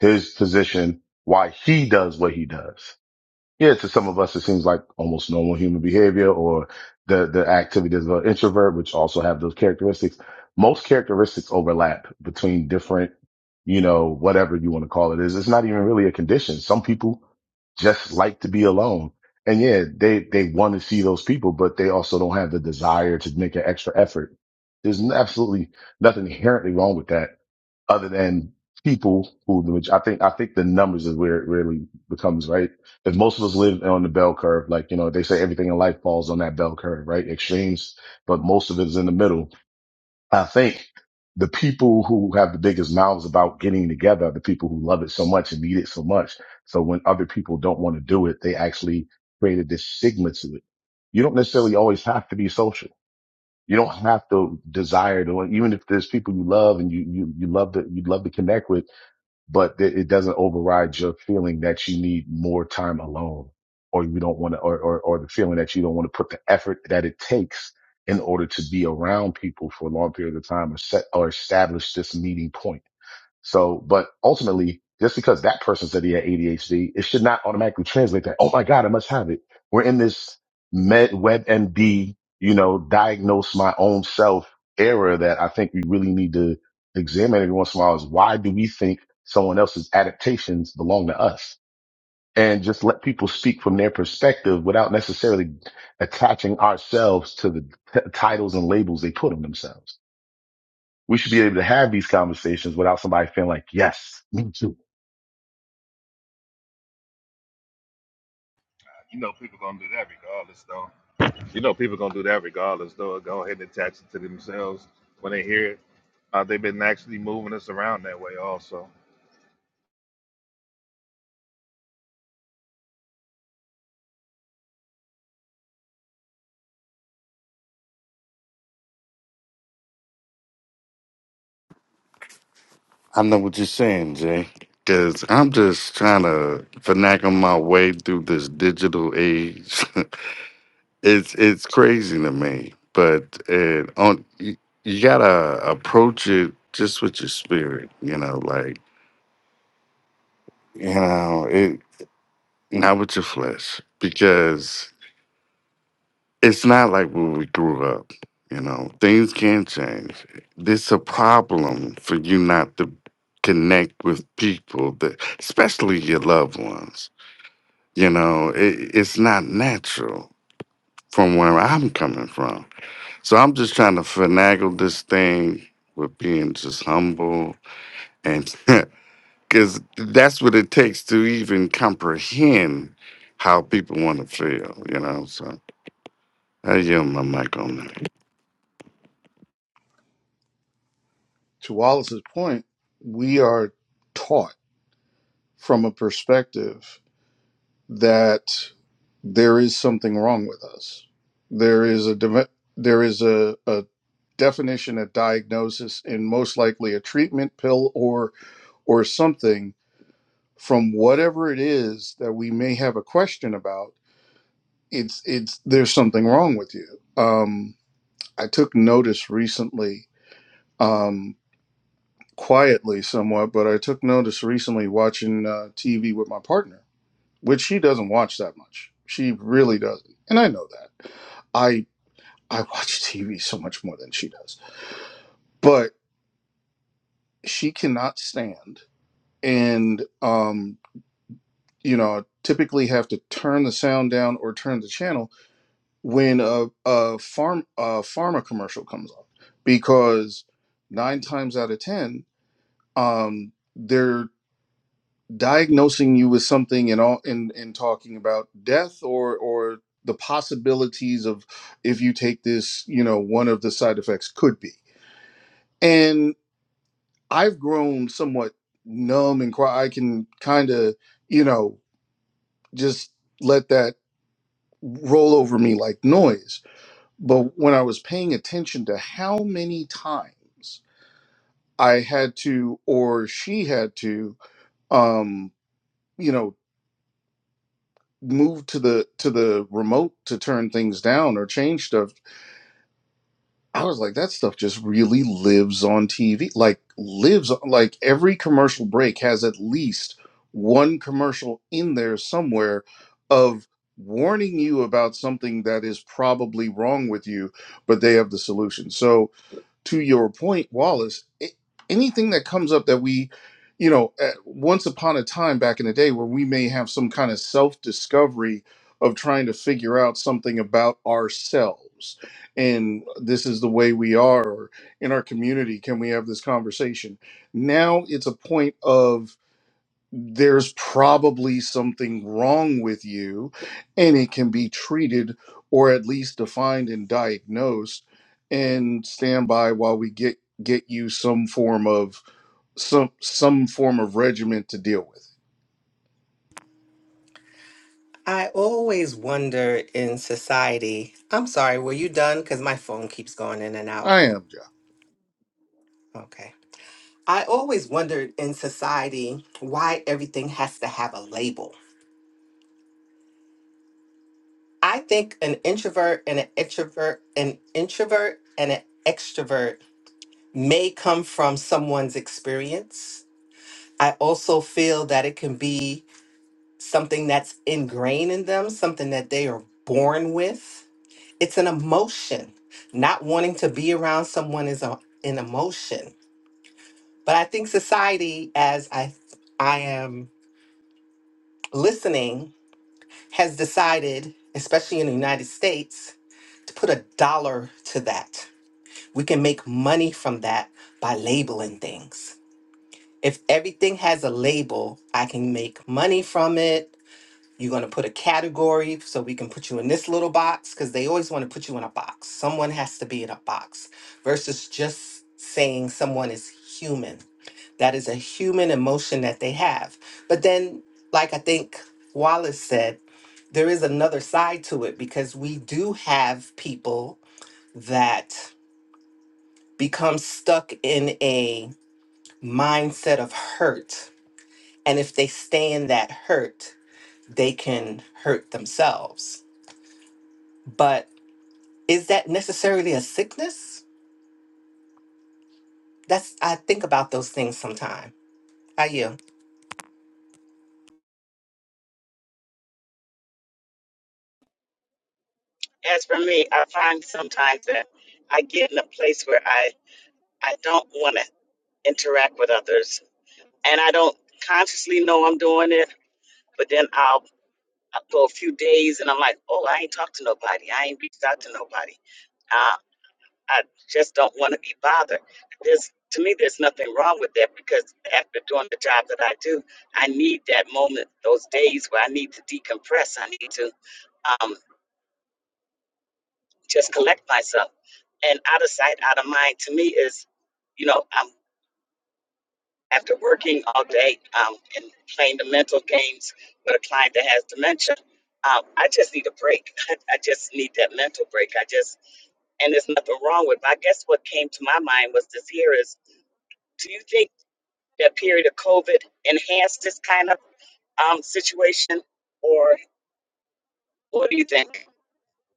[SPEAKER 5] his position, why he does what he does. Yeah, to some of us, it seems like almost normal human behavior or the, the activities of an introvert, which also have those characteristics. Most characteristics overlap between different, you know, whatever you want to call it is. It's not even really a condition. Some people just like to be alone. And yeah, they, they want to see those people, but they also don't have the desire to make an extra effort. There's n- absolutely nothing inherently wrong with that other than people who, which I think, I think the numbers is where it really becomes, right? If most of us live on the bell curve, like, you know, they say everything in life falls on that bell curve, right? Extremes, but most of it is in the middle. I think the people who have the biggest mouths about getting together are the people who love it so much and need it so much. So when other people don't want to do it, they actually created this stigma to it. You don't necessarily always have to be social you don't have to desire to, like, even if there's people you love and you, you, you love to, you'd love to connect with, but th- it doesn't override your feeling that you need more time alone or you don't want to, or, or, or the feeling that you don't want to put the effort that it takes in order to be around people for a long period of time or set or establish this meeting point so, but ultimately, just because that person said he had ADHD, it should not automatically translate that. Oh my God, I must have it. We're in this med web MD, you know, diagnose my own self era that I think we really need to examine every once in a while is why do we think someone else's adaptations belong to us? And just let people speak from their perspective without necessarily attaching ourselves to the t- titles and labels they put on themselves we should be able to have these conversations without somebody feeling like, yes, me too.
[SPEAKER 2] You know, people gonna do that regardless, though. You know, people gonna do that regardless, though. Go ahead and attach it to themselves when they hear it. Uh, they've been actually moving us around that way, also.
[SPEAKER 6] I know what you're saying, Jay. Because I'm just trying to finagle my way through this digital age. (laughs) it's it's crazy to me, but it on you, you gotta approach it just with your spirit. You know, like you know it, not with your flesh, because it's not like when we grew up. You know, things can change. This a problem for you not to connect with people that, especially your loved ones You know, it, it's not natural from where I'm coming from. So I'm just trying to finagle this thing with being just humble and (laughs) because that's what it takes to even comprehend how people want to feel, you know. So I yield my mic on that.
[SPEAKER 1] To Wallace's point, we are taught from a perspective that there is something wrong with us. There is a div- there is a, a definition, a diagnosis, and most likely a treatment pill or or something from whatever it is that we may have a question about. It's it's there's something wrong with you. Um, I took notice recently. Um. quietly somewhat, but I took notice recently watching uh, TV with my partner, which she doesn't watch that much. She really doesn't, and I know that. I I watch TV so much more than she does, but she cannot stand, and um, you know, typically have to turn the sound down or turn the channel when a a farm a pharma commercial comes on because nine times out of ten, um, they're diagnosing you with something and all and, and talking about death or or the possibilities of if you take this you know one of the side effects could be and i've grown somewhat numb and quiet i can kind of you know just let that roll over me like noise but when i was paying attention to how many times i had to or she had to um you know moved to the to the remote to turn things down or change stuff i was like that stuff just really lives on tv like lives on- like every commercial break has at least one commercial in there somewhere of warning you about something that is probably wrong with you but they have the solution so to your point, Wallace, it, anything that comes up that we, you know, at once upon a time back in the day where we may have some kind of self discovery of trying to figure out something about ourselves and this is the way we are or in our community can we have this conversation now it's a point of there's probably something wrong with you and it can be treated or at least defined and diagnosed and stand by while we get get you some form of some some form of regimen to deal with
[SPEAKER 8] I always wonder in society. I'm sorry, were you done? Because my phone keeps going in and out.
[SPEAKER 1] i am john
[SPEAKER 8] Okay. I always wondered in society why everything has to have a label. I think an introvert and an extrovert, an introvert and an extrovert may come from someone's experience. I also feel that it can be something that's ingrained in them, something that they are born with it's an emotion. Not wanting to be around someone is a, an emotion. But I think society, as I I am listening, has decided, especially in the United States, to put a dollar to that. We can make money from that by labeling things. If everything has a label, I can make money from it. You're going to put a category so we can put you in this little box because they always want to put you in a box. Someone has to be in a box versus just saying someone is human. That is a human emotion that they have. But then, like I think Wallace said, there is another side to it because we do have people that become stuck in a mindset of hurt. And if they stay in that hurt, they can hurt themselves. But Is that necessarily a sickness? That's I think about those things sometime. How you?
[SPEAKER 3] I need to um, just collect myself. And out of sight, out of mind, to me is, you know, I'm. after working all day um, and playing the mental games with a client that has dementia, um, I just need a break. (laughs) I just need that mental break. I just, and there's nothing wrong with it. I guess what came to my mind was this here is do you think that period of COVID enhanced this kind of um, situation, or what do you think?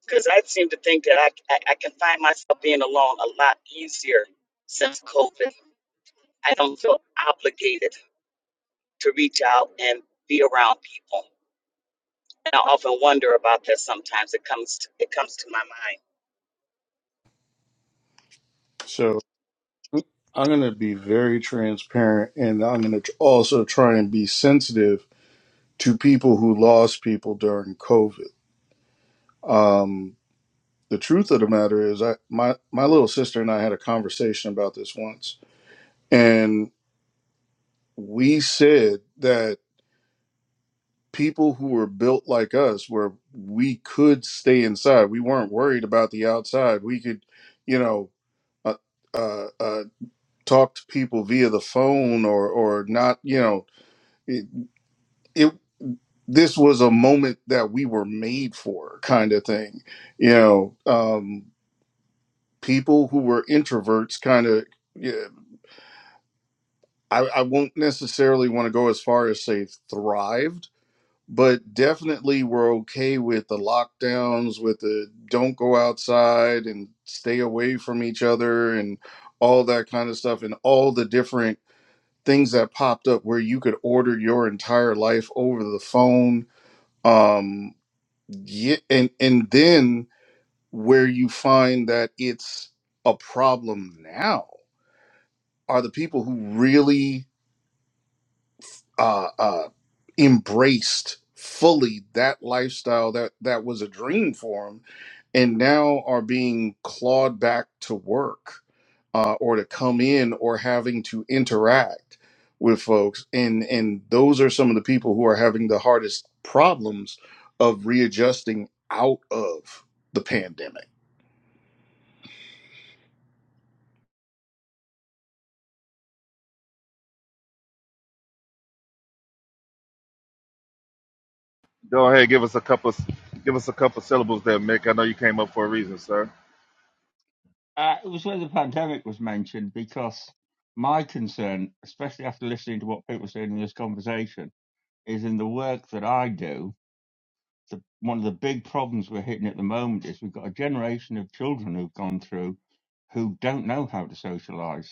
[SPEAKER 3] Because I seem to think that I, I, I can find myself being alone a lot easier since COVID. I don't feel obligated to reach out and be around people. I often wonder about that. Sometimes it comes to, it comes to my mind.
[SPEAKER 1] so i'm going to be very transparent and i'm going to also try and be sensitive to people who lost people during covid Um. the truth of the matter is I my my little sister and I had a conversation about this once and we said that people who were built like us where we could stay inside we weren't worried about the outside we could you know uh, uh, uh, talk to people via the phone or or not you know it, it this was a moment that we were made for kind of thing you know um people who were introverts kind of I, I won't necessarily want to go as far as say thrived, but definitely we're okay with the lockdowns, with the don't go outside and stay away from each other and all that kind of stuff, and all the different things that popped up where you could order your entire life over the phone. Um, yeah, and and then where you find that it's a problem now are the people who really uh, uh, embraced fully that lifestyle that that was a dream for him and now are being clawed back to work uh, or to come in or having to interact with folks and and those are some of the people who are having the hardest problems of readjusting out of the pandemic
[SPEAKER 2] Go ahead, give us a couple, give us a couple syllables there, Mick. I know you came up for a reason, sir.
[SPEAKER 9] Uh, it was where the pandemic was mentioned because my concern, especially after listening to what people are saying in this conversation, is in the work that I do. The, one of the big problems we're hitting at the moment is we've got a generation of children who've gone through who don't know how to socialise.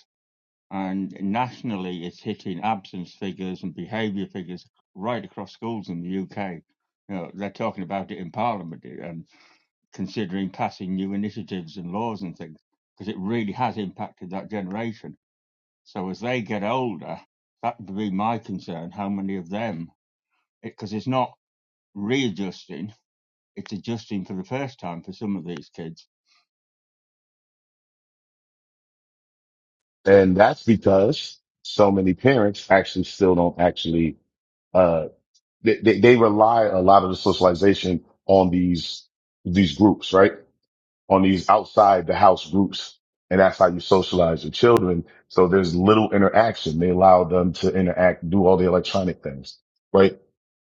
[SPEAKER 9] And nationally, it's hitting absence figures and behaviour figures right across schools in the UK. You know, they're talking about it in Parliament, and considering passing new initiatives and laws and things because it really has impacted that generation. So as they get older, that would be my concern. How many of them? Because it, it's not readjusting; it's adjusting for the first time for some of these kids.
[SPEAKER 5] And that's because so many parents actually still don't actually, uh, they, they, they rely a lot of the socialization on these, these groups, right? On these outside the house groups. And that's how you socialize your children. So there's little interaction. They allow them to interact, do all the electronic things, right?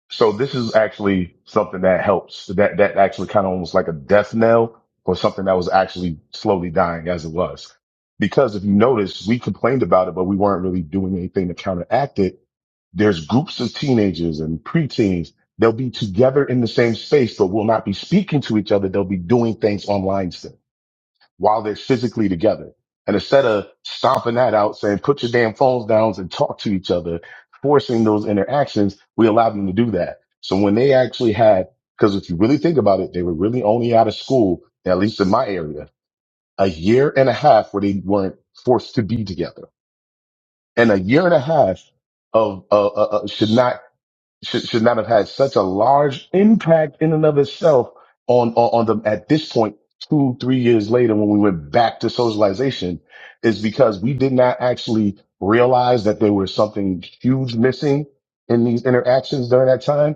[SPEAKER 5] So this is actually something that helps. That that actually kind of almost like a death knell for something that was actually slowly dying as it was. Because if you notice, we complained about it, but we weren't really doing anything to counteract it. There's groups of teenagers and preteens. They'll be together in the same space, but will not be speaking to each other. They'll be doing things online still while they're physically together. And instead of stomping that out, saying, put your damn phones down and talk to each other, forcing those interactions, we allowed them to do that. So when they actually had, because if you really think about it, they were really only out of school, at least in my area, a year and a half where they weren't forced to be together and a year and a half of, uh, uh, uh, should not should, should not have had such a large impact in and of itself on, on, on the, at this point, two, three years later, when we went back to socialization is because we did not actually realize that there was something huge missing in these interactions during that time.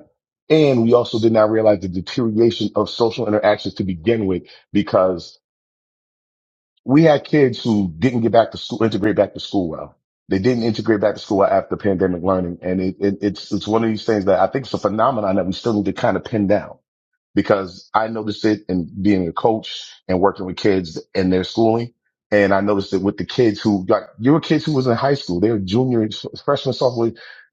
[SPEAKER 5] And we also did not realize the deterioration of social interactions to begin with, because we had kids who didn't get back to school, integrate back to school well. They didn't integrate back to school well after pandemic learning. And it, it, it's, it's one of these things that I think it's a phenomenon that we still need to kind of pin down because I noticed it in being a coach and working with kids and their schooling. And I noticed it with the kids who like you were kids who was in high school, they were junior, freshman, sophomore,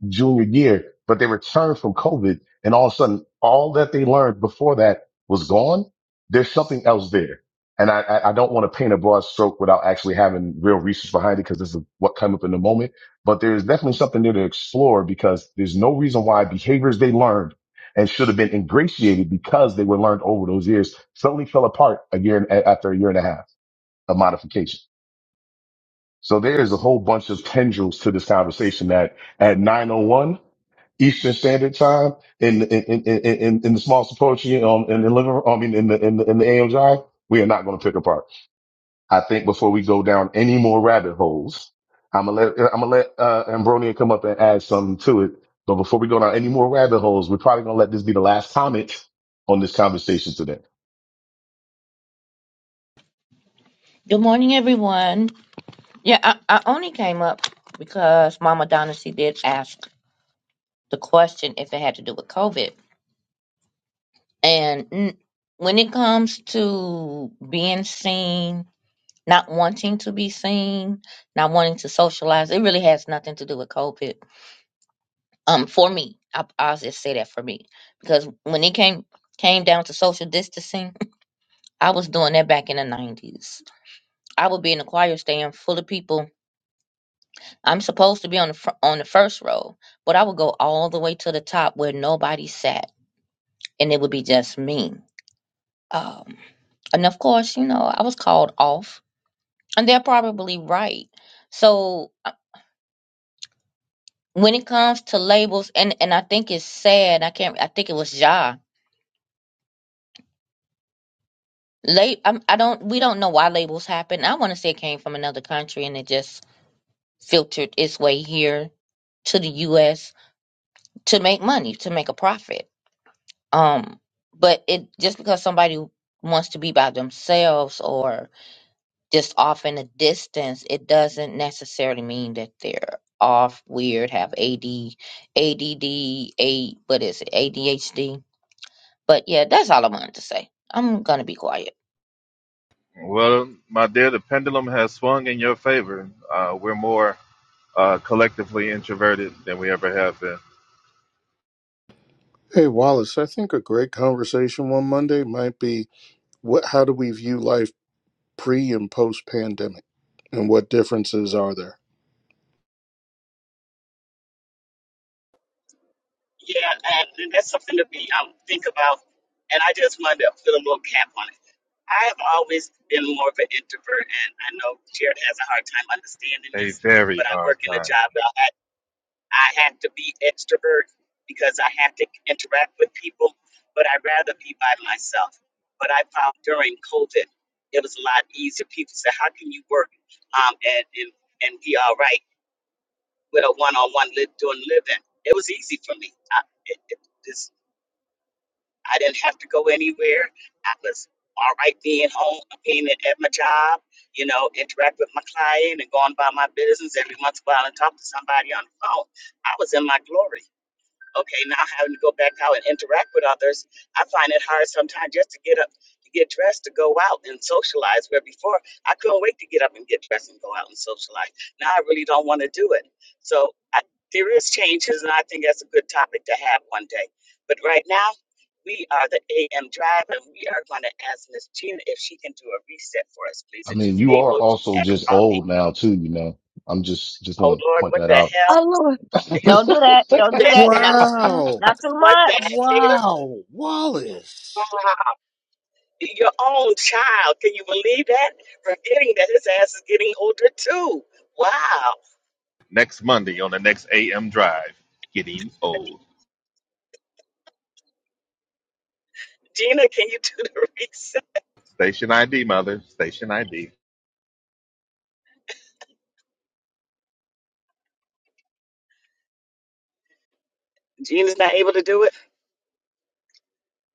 [SPEAKER 5] junior year, but they returned from COVID and all of a sudden all that they learned before that was gone. There's something else there. And I, I I don't want to paint a broad stroke without actually having real research behind it because this is what came up in the moment. But there's definitely something there to explore because there's no reason why behaviors they learned and should have been ingratiated because they were learned over those years suddenly fell apart a year after a year and a half of modification. So there is a whole bunch of tendrils to this conversation that at 901 Eastern Standard Time in, in, in, in, in in the small symposium um, in the living room, I mean, in the, in the, in the AMJ, we are not going to pick apart. I think before we go down any more rabbit holes, I'm gonna let I'm gonna let uh, Ambronia come up and add something to it. But before we go down any more rabbit holes, we're probably gonna let this be the last comment on this conversation today.
[SPEAKER 10] Good morning, everyone. Yeah, I, I only came up because Mama Donacy did ask the question if it had to do with COVID. And mm, when it comes to being seen, not wanting to be seen, not wanting to socialize, it really has nothing to do with COVID. Um, for me, I, I'll just say that for me because when it came came down to social distancing, (laughs) I was doing that back in the nineties. I would be in the choir stand full of people I'm supposed to be on the fr- on the first row, but I would go all the way to the top where nobody sat, and it would be just me. Um, and of course, you know, I was called off, and they're probably right. So uh, when it comes to labels, and and I think it's sad. I can't. I think it was Ja. Late. I'm, I don't. We don't know why labels happen. I want to say it came from another country, and it just filtered its way here to the U.S. to make money, to make a profit Um, but it just because somebody wants to be by themselves or just off in a distance, it doesn't necessarily mean that they're off, weird, have AD, ADD, A, what is it, ADHD. But yeah, that's all I wanted to say. I'm gonna be quiet.
[SPEAKER 2] Well, my dear, the pendulum has swung in your favor. Uh, we're more uh, collectively introverted than we ever have been.
[SPEAKER 1] Hey, Wallace, I think a great conversation one Monday might be what how do we view life pre and post pandemic and what differences are there
[SPEAKER 3] Yeah, and, and that's something to be I think about, and I just wanted to put a little cap on it. I have always been more of an introvert, and I know Jared has a hard time understanding
[SPEAKER 2] A
[SPEAKER 3] this,
[SPEAKER 2] very
[SPEAKER 3] but I
[SPEAKER 2] hard
[SPEAKER 3] work in a
[SPEAKER 2] time.
[SPEAKER 3] job that I, I have to be extrovert because I have to interact with people, but I'd rather be by myself. But I found during COVID, it was a lot easier. People said, How can you work um, and, and, and be all right? with a one-on-one live, doing living. It was easy for me. I, it, it, this, I didn't have to go anywhere. I was all right being home, being at, at my job, you know, interact with my client and going about my business every once in a while and talk to somebody on the phone. I was in my glory okay, now having to go back out and interact with others, I find it hard sometimes just to get up, to get dressed, to go out and socialize. Where before I couldn't wait to get up and get dressed and go out and socialize. Now I really don't want to do it. So I, there is changes, and I think that's a good topic to have one day. But right now, we are the AM Drive, and we are going to ask Miss Gina if she can do a reset for us, please.
[SPEAKER 5] I
[SPEAKER 3] If
[SPEAKER 5] mean,
[SPEAKER 3] she's
[SPEAKER 5] you are
[SPEAKER 3] able, she's
[SPEAKER 5] also
[SPEAKER 3] had a
[SPEAKER 5] just
[SPEAKER 3] coffee.
[SPEAKER 5] old now too. You know, I'm just just
[SPEAKER 3] Oh
[SPEAKER 5] want to
[SPEAKER 3] Lord,
[SPEAKER 5] point
[SPEAKER 3] what
[SPEAKER 5] that
[SPEAKER 3] the
[SPEAKER 5] out.
[SPEAKER 3] hell?
[SPEAKER 4] Oh,
[SPEAKER 3] (laughs)
[SPEAKER 4] Lord.
[SPEAKER 10] Don't do that.
[SPEAKER 5] (laughs)
[SPEAKER 3] What
[SPEAKER 10] Don't
[SPEAKER 3] the
[SPEAKER 10] do that. Not,
[SPEAKER 3] hell?
[SPEAKER 10] mm-mm,
[SPEAKER 1] Wow.
[SPEAKER 10] not too
[SPEAKER 3] What the
[SPEAKER 10] much.
[SPEAKER 3] hell?
[SPEAKER 1] Wow. Wallace.
[SPEAKER 3] Your own child. Can you believe that? Forgetting that his ass is getting older too. Wow.
[SPEAKER 2] Next Monday on the next AM drive. Getting old.
[SPEAKER 3] Gina, can you do the (laughs) research?
[SPEAKER 2] Station ID, mother. Station ID.
[SPEAKER 3] Gina's not able to do it.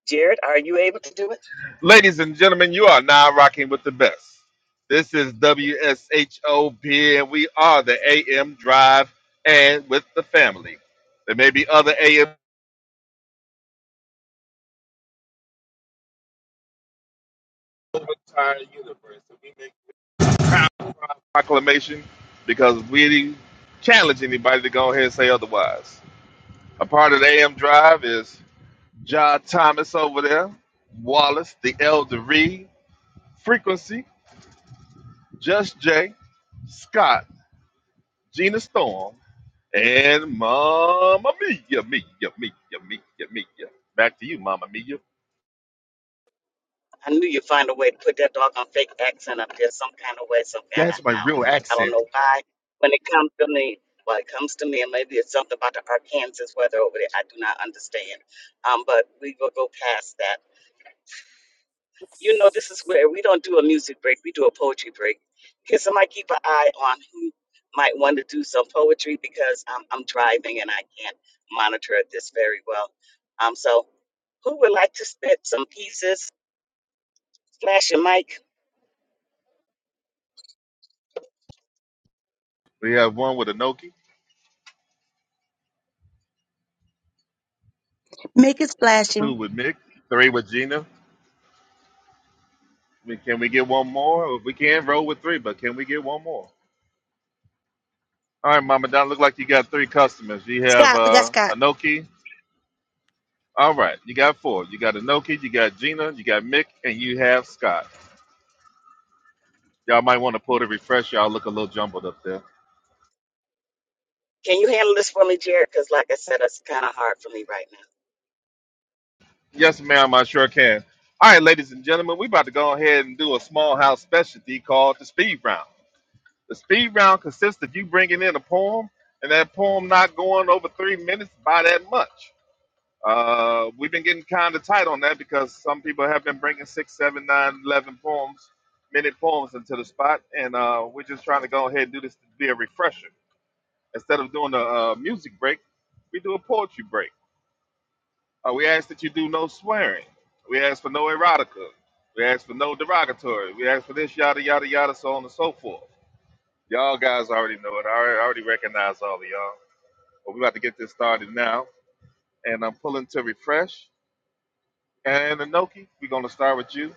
[SPEAKER 3] Jared, are you able to do it?
[SPEAKER 2] Ladies and gentlemen, you are now rocking with the best. This is WSHOP, and we are the AM drive and with the family. There may be other AM. Entire universe. and we may proclamation because we challenge anybody to go ahead and say otherwise. A part of the AM Drive is John Thomas over there, Wallace, the Elder Reed, Frequency, Just Jay, Scott, Gina Storm, and Mama Mia, Mia, Mia, Mia, Mia. Back to you, Mama Mia.
[SPEAKER 3] I knew you'd find a way to put that dog on fake accent up there some kind of way, some kind
[SPEAKER 2] That's
[SPEAKER 3] of
[SPEAKER 2] my
[SPEAKER 3] how.
[SPEAKER 2] real
[SPEAKER 3] I don't
[SPEAKER 2] accent.
[SPEAKER 3] know why. When it comes to me, well, it comes to me, and maybe it's something about the Arkansas weather over there. I do not understand. Um, but we will go past that. You know, this is where we don't do a music break, we do a poetry break. Can somebody keep an eye on who might want to do some poetry because I'm, I'm driving and I can't monitor this very well. Um, so, who would like to spit some pieces? Flash your mic.
[SPEAKER 2] We have one with Anoki,
[SPEAKER 4] Make it
[SPEAKER 2] two
[SPEAKER 4] splashing.
[SPEAKER 2] with Mick, three with Gina. We- Can we get one more? If we can, roll with three, but can we get one more? All right, Mama Don. Look like you got three customers. You have
[SPEAKER 4] Scott, we got
[SPEAKER 2] uh,
[SPEAKER 4] Scott.
[SPEAKER 2] Anoki. All right, you got four. You got Anoki, you got Gina, you got Mick, and you have Scott. Y'all might want to pull the refresh. Y'all look a little jumbled up there.
[SPEAKER 3] Can you handle this for me, Jared? Because, like I said, it's kind of hard for me right now.
[SPEAKER 2] Yes, ma'am. I sure can. All right, ladies and gentlemen, we about to go ahead and do a small house specialty called the speed round. The speed round consists of you bringing in a poem, and that poem not going over three minutes by that much. Uh, we've been getting kind of tight on that because some people have been bringing six, seven, nine, eleven poems, minute poems into the spot, and uh, we're just trying to go ahead and do this to be a refresher. Instead of doing a uh, music break, we do a poetry break. Uh, we ask that you do no swearing. We ask for no erotica. We ask for no derogatory. We ask for this, yada, yada, yada, so on and so forth. Y'all guys already know it. I already I already recognize all of y'all. But we're about to get this started now. And I'm pulling to refresh. And Anoki, we're going to start with you.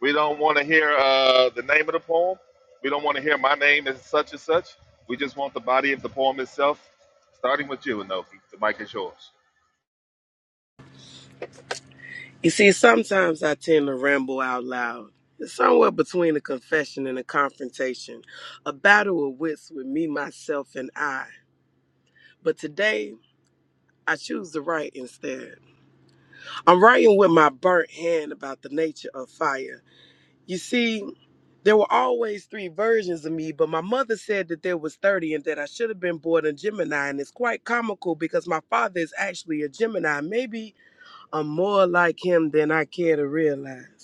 [SPEAKER 2] We don't want to hear uh, the name of the poem. We don't want to hear my name is such and such. We just want the body of the poem itself, starting with you, Anoki. The mic is yours.
[SPEAKER 11] You see, sometimes I tend to ramble out loud. It's somewhere between a confession and a confrontation, a battle of wits with me, myself, and I. But today, I choose to write instead. I'm writing with my burnt hand about the nature of fire. You see, there were always three versions of me, but my mother said that there was 30 and that I should have been born a Gemini. And it's quite comical because my father is actually a Gemini. Maybe I'm more like him than I care to realize.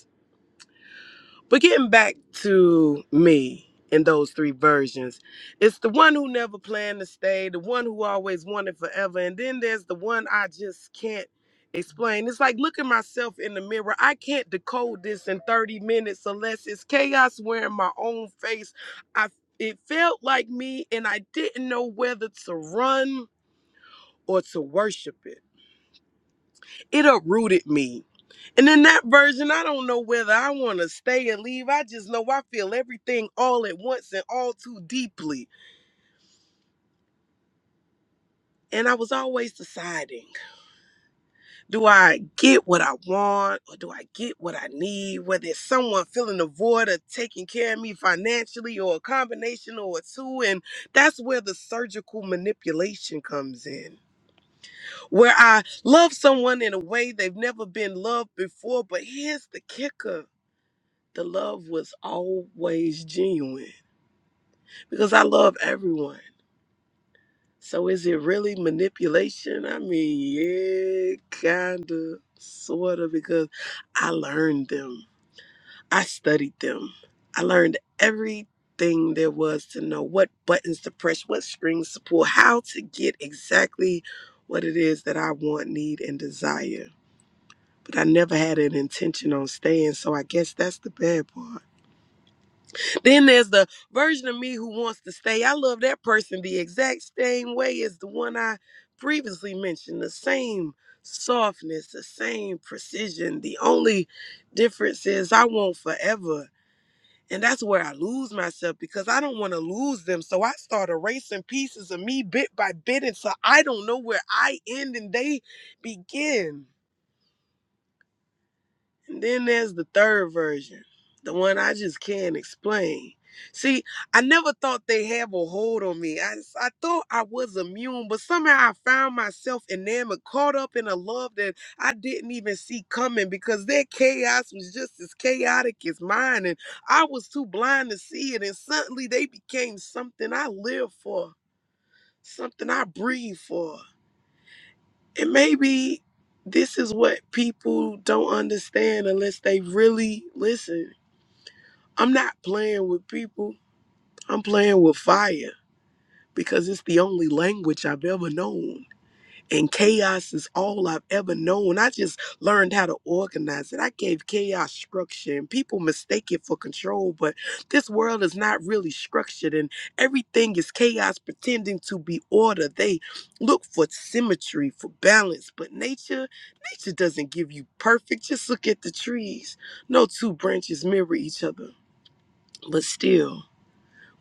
[SPEAKER 11] But getting back to me in those three versions, it's the one who never planned to stay, the one who always wanted forever, and then there's the one I just can't explain. It's like looking myself in the mirror. I can't decode this in 30 minutes unless it's chaos wearing my own face. I it felt like me and I didn't know whether to run or to worship it. It uprooted me and in that version, I don't know whether I want to stay and leave. I just know I feel everything all at once and all too deeply. And I was always deciding do I get what I want or do I get what I need? Whether it's someone filling the void or taking care of me financially or a combination or a two. And that's where the surgical manipulation comes in, where I love someone in a way they've never been loved before. But here's the kicker the love was always genuine. because I love everyone. So is it really manipulation? I mean, yeah, kinda, sorta, because I learned them. I studied them. I learned everything there was to know what buttons to press, what strings to pull, how to get exactly what it is that I want, need, and desire. But I never had an intention on staying, so I guess that's the bad part. Then there's the version of me who wants to stay. I love that person the exact same way as the one I previously mentioned. The same softness, the same precision. The only difference is I want forever. And that's where I lose myself because I don't want to lose them. So I start erasing pieces of me bit by bit. And so I don't know where I end and they begin. And then there's the third version, the one I just can't explain. See, I never thought they have a hold on me. I I thought I was immune, but somehow I found myself enamored, caught up in a love that I didn't even see coming because their chaos was just as chaotic as mine, and I was too blind to see it. And suddenly they became something I live for, something I breathe for. And maybe this is what people don't understand unless they really listen. I'm not playing with people, I'm playing with fire because it's the only language I've ever known and chaos is all I've ever known. I just learned how to organize it. I gave chaos structure, and people mistake it for control, but this world is not really structured, and everything is chaos pretending to be order. They look for symmetry, for balance, but nature, nature doesn't give you perfect. Just look at the trees. No two branches mirror each other, but still.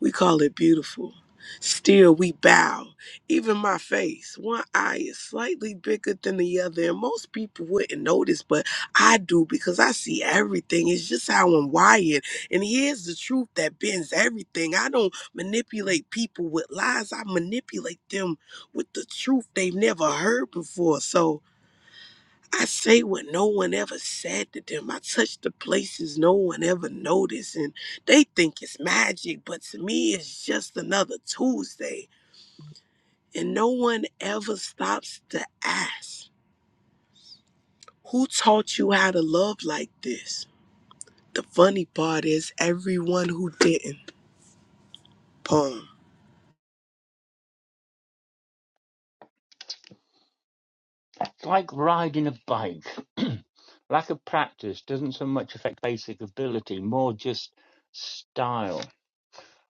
[SPEAKER 11] We call it beautiful. Still, we bow. Even my face, one eye is slightly bigger than the other. And most people wouldn't notice, but I do because I see everything. It's just how I'm wired. And here's the truth that bends everything. I don't manipulate people with lies, I manipulate them with the truth they've never heard before. So, I say what no one ever said to them. I touch the places no one ever noticed. And they think it's magic, but to me, it's just another Tuesday. And no one ever stops to ask, Who taught you how to love like this? The funny part is, everyone who didn't. Poem.
[SPEAKER 9] It's like riding a bike. (clears throat) Lack of practice doesn't so much affect basic ability, more just style.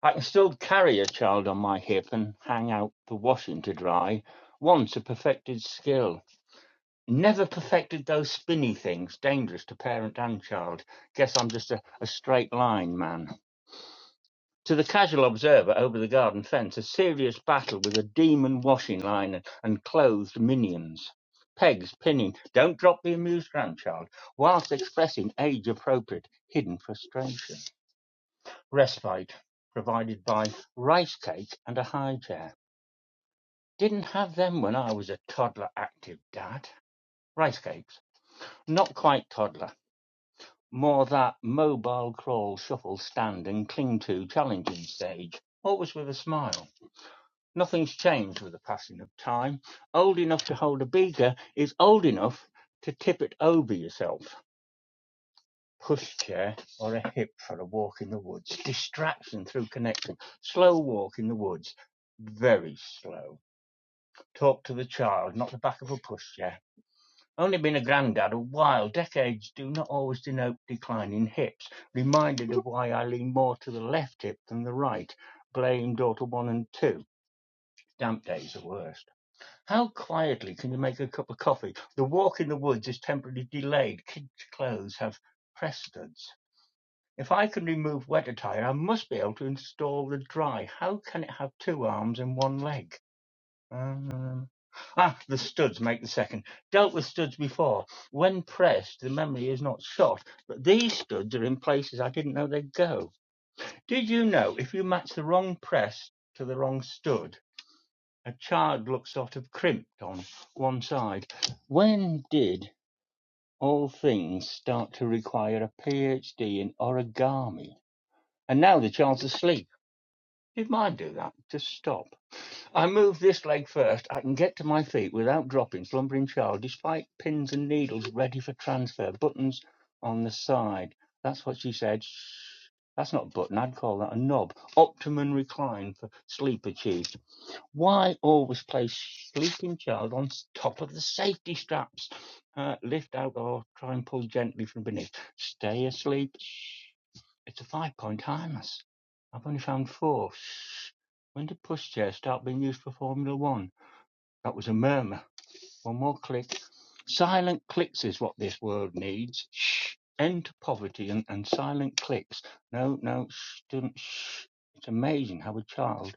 [SPEAKER 9] I can still carry a child on my hip and hang out the washing to dry. Once a perfected skill. Never perfected those spinny things, dangerous to parent and child. Guess I'm just a, a straight line man. To the casual observer over the garden fence, a serious battle with a demon washing line and, and clothed minions. Pegs pinning, don't drop the amused grandchild, whilst expressing age appropriate, hidden frustration. Respite, provided by rice cake and a high chair. Didn't have them when I was a toddler active dad. Rice cakes, not quite toddler More that mobile crawl, shuffle, stand and cling to challenging stage, always with a smile. Nothing's changed with the passing of time. Old enough to hold a beaker is old enough to tip it over yourself. Pushchair or a hip for a walk in the woods. Distraction through connection. Slow walk in the woods. Very slow. Talk to the child, not the back of a pushchair. Only been a granddad a while, decades do not always denote declining hips. Reminded of why I lean more to the left hip than the right. Blame daughter one and two. Damp days are worst. How quietly can you make a cup of coffee? The walk in the woods is temporarily delayed. Kids' clothes have precedence. If I can remove wet attire, I must be able to install the dry. How can it have two arms and one leg? Um, ah, the studs make the second. Dealt with studs before. When pressed, the memory is not shot, but these studs are in places I didn't know they'd go. Did you know if you match the wrong press to the wrong stud, a child looks sort of crimped on one side? When did all things start to require a PhD in origami? And now the child's asleep. Did mine do that? Just stop. I move this leg first. I can get to my feet without dropping slumbering child, despite pins and needles ready for transfer, buttons on the side. That's what she said. Shh. That's not a button. I'd call that a knob. Optimum recline for sleep achieved. Why always place sleeping child on top of the safety straps? Uh, lift out or try and pull gently from beneath. Stay asleep. Shh. It's a five-point harness. I've only found four. Shh. When did pushchairs start being used for Formula One? That was a murmur. One more click. Silent clicks is what this world needs. Shh. End to poverty and, and silent clicks. No, no, shh, don't, shh. It's amazing how a child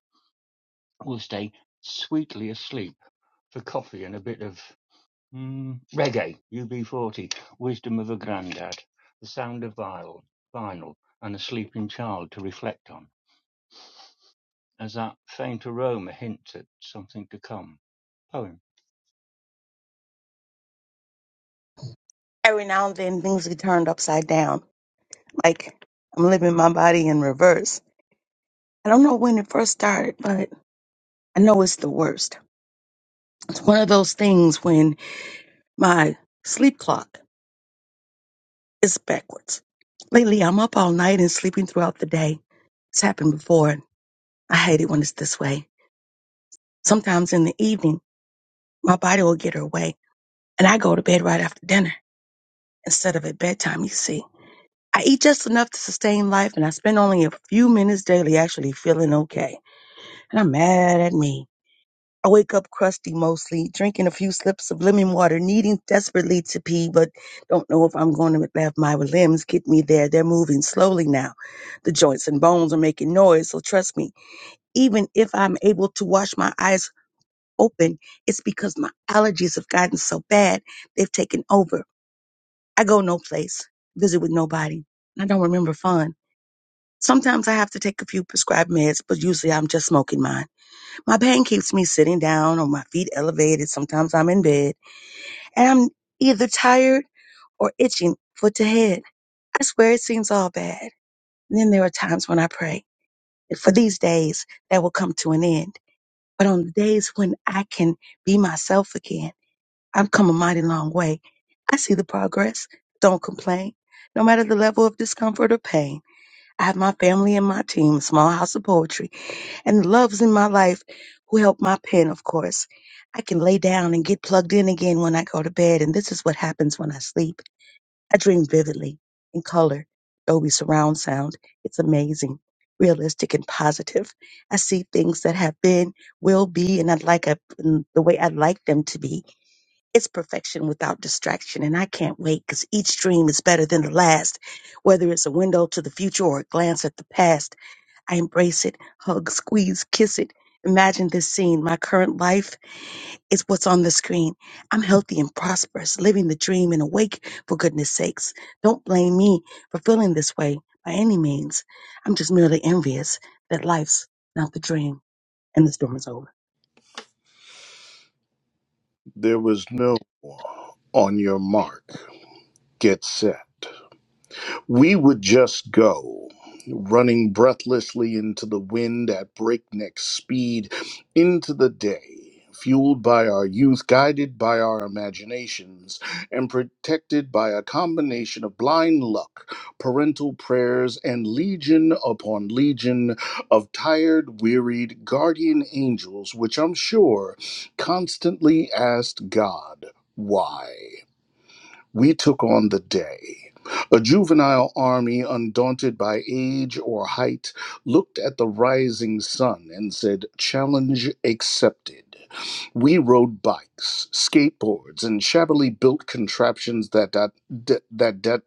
[SPEAKER 9] will stay sweetly asleep for coffee and a bit of mm, reggae, UB40, wisdom of a granddad, the sound of vinyl, vinyl, and a sleeping child to reflect on. as that faint aroma hints at something to come. Poem.
[SPEAKER 4] every now and then things get turned upside down. Like I'm living my body in reverse. I don't know when it first started, but I know it's the worst. It's one of those things when my sleep clock is backwards. Lately, I'm up all night and sleeping throughout the day. It's happened before. I hate it when it's this way. Sometimes in the evening, my body will get her way, and I go to bed right after dinner instead of at bedtime, you see. I eat just enough to sustain life, and I spend only a few minutes daily actually feeling okay. and I'm mad at me. I wake up crusty mostly, drinking a few slips of lemon water, needing desperately to pee, but don't know if I'm going to have my limbs get me there. They're moving slowly now. The joints and bones are making noise, so trust me, even if I'm able to wash my eyes open, it's because my allergies have gotten so bad, they've taken over. I go no place, visit with nobody. I don't remember fun. Sometimes I have to take a few prescribed meds, but usually I'm just smoking mine. My pain keeps me sitting down or my feet elevated. Sometimes I'm in bed and I'm either tired or itching foot to head. I swear it seems all bad. And then there are times when I pray that for these days that will come to an end. But on the days when I can be myself again, I've come a mighty long way. I see the progress. Don't complain. No matter the level of discomfort or pain, I have my family and my team, Small House of Poetry and loves in my life who help my pen, of course. I can lay down and get plugged in again when I go to bed, and this is what happens when I sleep. I dream vividly in color, Dolby surround sound. It's amazing, realistic, and positive. I see things that have been, will be, and I'd like a, in the way I'd like them to be. It's perfection without distraction, and I can't wait because each dream is better than the last, whether it's a window to the future or a glance at the past. I embrace it, hug, squeeze, kiss it. Imagine this scene. My current life is what's on the screen. I'm healthy and prosperous, living the dream and awake for goodness sakes. Don't blame me for feeling this way by any means. I'm just merely envious that life's not the dream and the storm is over.
[SPEAKER 1] there was no on your mark get set We would just go, running breathlessly into the wind at breakneck speed, into the day, fueled by our youth, guided by our imaginations, and protected by a combination of blind luck, parental prayers, and legion upon legion of tired, wearied guardian angels, which I'm sure constantly asked God, why? We took on the day. A juvenile army, undaunted by age or height, looked at the rising sun and said, Challenge accepted. We rode bikes, skateboards, and shabbily built contraptions that, that, that, that,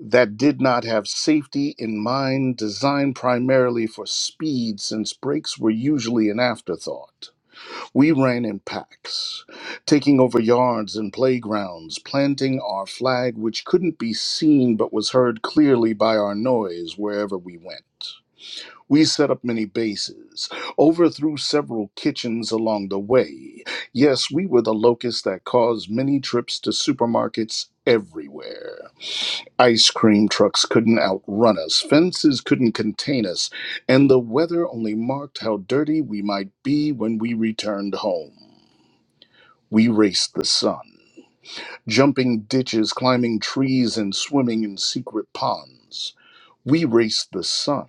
[SPEAKER 1] that did not have safety in mind, designed primarily for speed since brakes were usually an afterthought. We ran in packs, taking over yards and playgrounds, planting our flag, which couldn't be seen but was heard clearly by our noise wherever we went. We set up many bases, overthrew several kitchens along the way. Yes, we were the locusts that caused many trips to supermarkets everywhere. Ice cream trucks couldn't outrun us, fences couldn't contain us, and the weather only marked how dirty we might be when we returned home. We raced the sun, jumping ditches, climbing trees, and swimming in secret ponds. We raced the sun,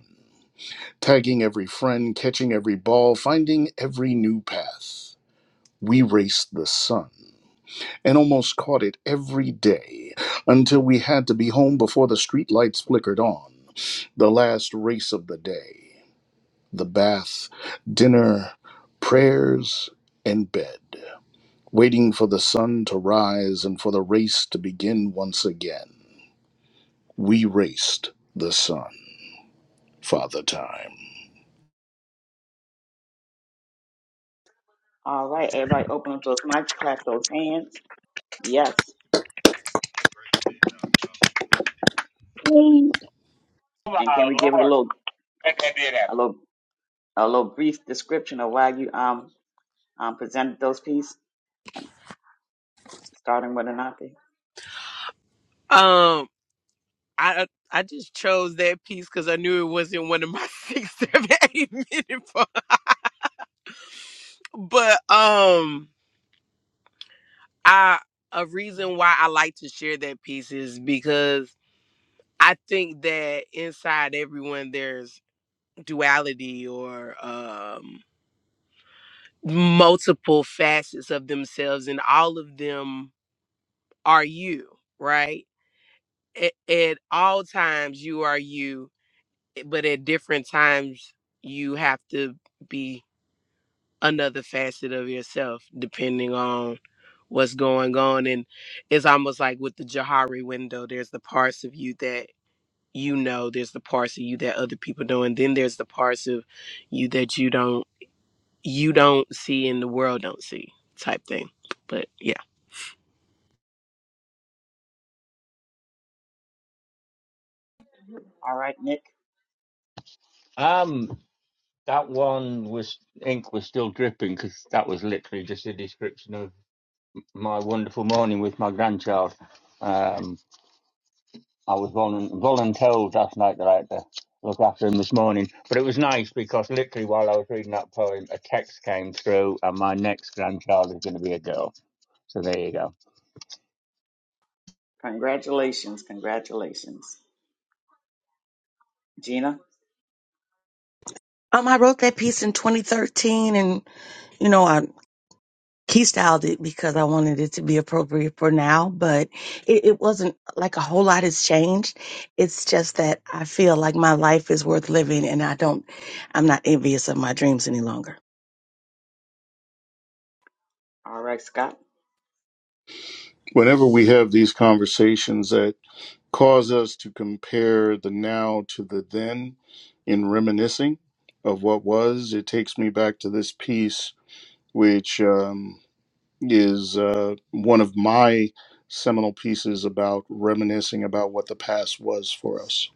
[SPEAKER 1] tagging every friend, catching every ball, finding every new path. We raced the sun and almost caught it every day until we had to be home before the street lights flickered on. The last race of the day, the bath, dinner, prayers, and bed. waiting for the sun to rise and for the race to begin once again. We raced the sun, Father Time.
[SPEAKER 4] Hey,
[SPEAKER 10] Oh, my Lord. Make that did happen.
[SPEAKER 11] Um, I I just chose that piece because I knew it wasn't one of my (laughs) six, seven, eight minute. (laughs) Part. But um. I a reason why I like to share that piece is because I think that inside everyone there's duality or um multiple facets of themselves and all of them are you, right? At, at all times you are you, eh, but at different times you have to be another facet of yourself depending on what's going on. And it's almost like with the Johari window, there's the parts of you that you know, there's the parts of you that other people know, and then there's the parts of you that you don't you don't see and the world don't see type thing. But yeah.
[SPEAKER 3] All right, Nick,
[SPEAKER 9] Um, that one was ink was still dripping because that was literally just a description of my wonderful morning with my grandchild. Um, I was voluntold last night that I had to look after him this morning, but it was nice because literally while I was reading that poem, a text came through, and my next grandchild is going to be a girl. So there you go.
[SPEAKER 3] Nina.
[SPEAKER 4] Um, I wrote that piece in 2013, and you know, I key styled it because I wanted it to be appropriate for now. But it, it wasn't like a whole lot has changed. It's just that I feel like my life is worth living, and I don't, I'm not envious of my dreams any longer.
[SPEAKER 1] Whenever we have these conversations that cause us to compare the now to the then in reminiscing of what was, it takes me back to this piece, which um, is uh, one of my seminal pieces about reminiscing about what the past was for us.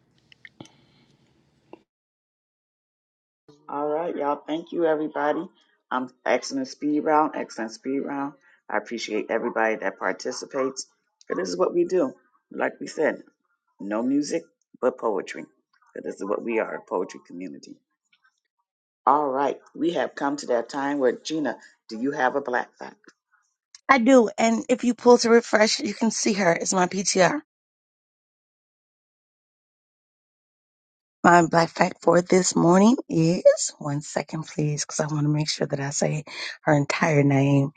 [SPEAKER 4] I do. And if you pull to refresh, you can see her. It's my PTR. My black fact for this morning is one second, please, because I want to make sure that I say her entire name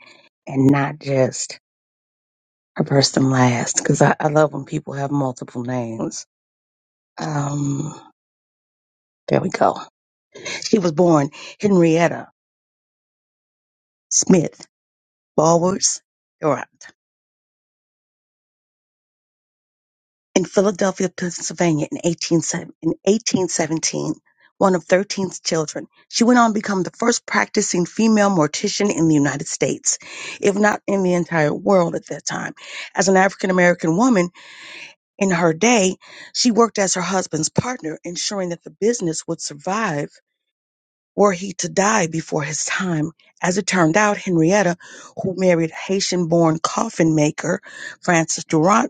[SPEAKER 4] and not just her first and last, because I, I love when people have multiple names. Um, there we go. She was born Henrietta Smith Ballwards. in Philadelphia, Pennsylvania in 18, seven- in 1817, of 13 children. She went on to become the first practicing female mortician in the United States, if not in the entire world at that time. As an African American woman in her day, she worked as her husband's partner, ensuring that the business would survive were he to die before his time. As it turned out, Henrietta, who married Haitian born coffin maker Francis Durant,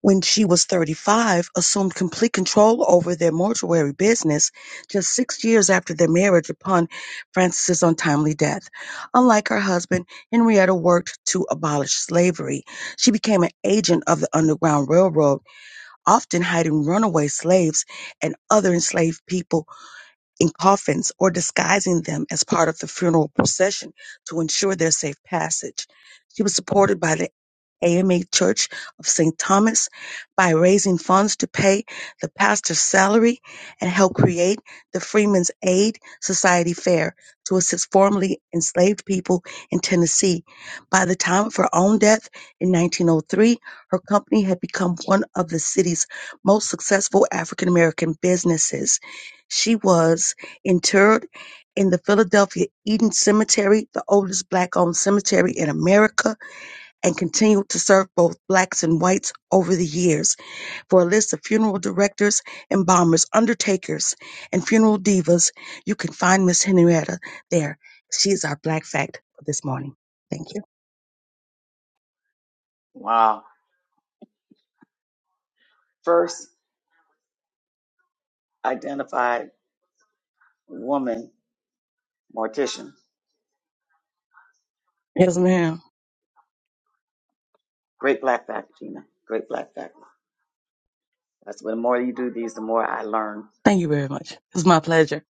[SPEAKER 4] when she was 35, assumed complete control over their mortuary business just six years after their marriage upon Francis's untimely death. Unlike her husband, Henrietta worked to abolish slavery. She became an agent of the Underground Railroad, often hiding runaway slaves and other enslaved people in coffins or disguising them as part of the funeral procession to ensure their safe passage. She was supported by the AMA Church of St. Thomas by raising funds to pay the pastor's salary and help create the Freeman's Aid Society Fair to assist formerly enslaved people in Tennessee. By the time of her own death in 1903, her company had become one of the city's most successful African American businesses. She was interred in the Philadelphia Eden Cemetery, the oldest black-owned cemetery in America, and continued to serve both blacks and whites over the years. For a list of funeral directors, embalmers, undertakers, and funeral divas, you can find Miss Henrietta there. She is our Black Fact for this morning. Thank you. Yes, ma'am. Thank you very much. It's my pleasure.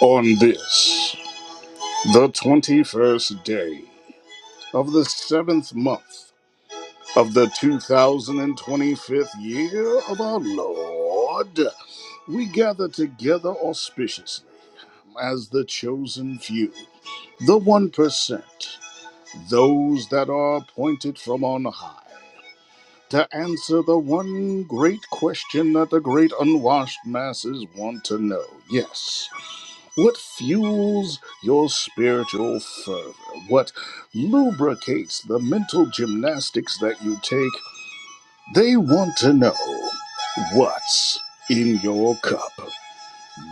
[SPEAKER 1] On this. The 21st day of the seventh month of the 2025th year of our Lord, we gather together auspiciously as the chosen few, the 1%, those that are appointed from on high to answer the one great question that the great unwashed masses want to know. Yes. What fuels your spiritual fervor? What lubricates the mental gymnastics that you take? They want to know what's in your cup.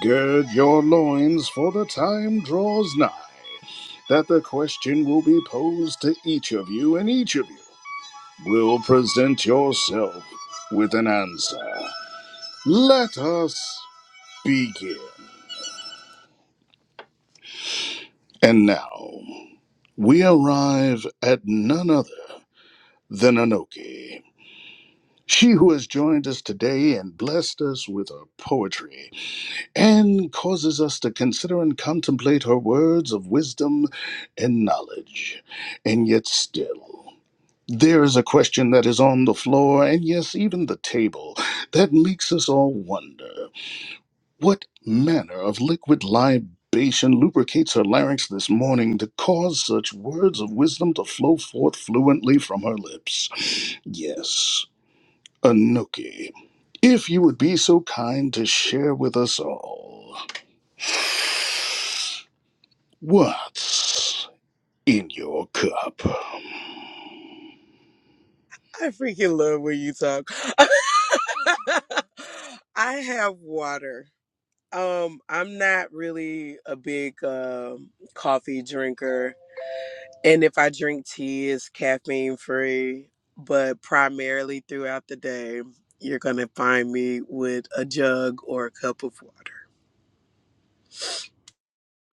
[SPEAKER 1] Gird your loins, for the time draws nigh that the question will be posed to each of you, and each of you will present yourself with an answer. Let us begin. And now we arrive at none other the Nanoke. She who has joined us today and blessed us with her poetry and causes us to consider and contemplate her words of wisdom and knowledge. And yet, still, there is a question that is on the floor, and yes, even the table, that makes us all wonder what manner of liquid libation lubricates her larynx this morning to cause such words of wisdom to flow forth fluently from her lips? Yes. Anuki, if you would be so kind to share with us all what's in your cup.
[SPEAKER 11] I freaking love when you talk. (laughs) I have water. Um, I'm not really a big um coffee drinker. And if I drink tea, it's caffeine free. But primarily throughout the day, you're going to find me with a jug or a cup of water.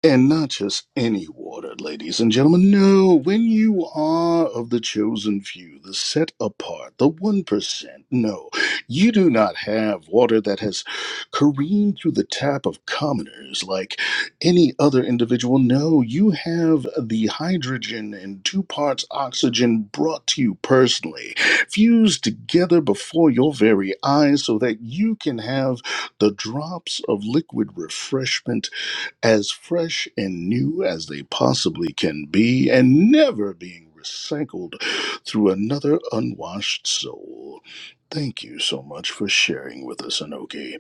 [SPEAKER 1] And not just any water, ladies and gentlemen. No, when you are of the chosen few, the set apart, the 1%, no, you do not have water that has careened through the tap of commoners like any other individual. No, you have the hydrogen and two parts oxygen brought to you personally, fused together before your very eyes so that you can have the drops of liquid refreshment as fresh and new as they possibly can be, and never being recycled through another unwashed soul. Thank you so much for sharing with us, Anoki.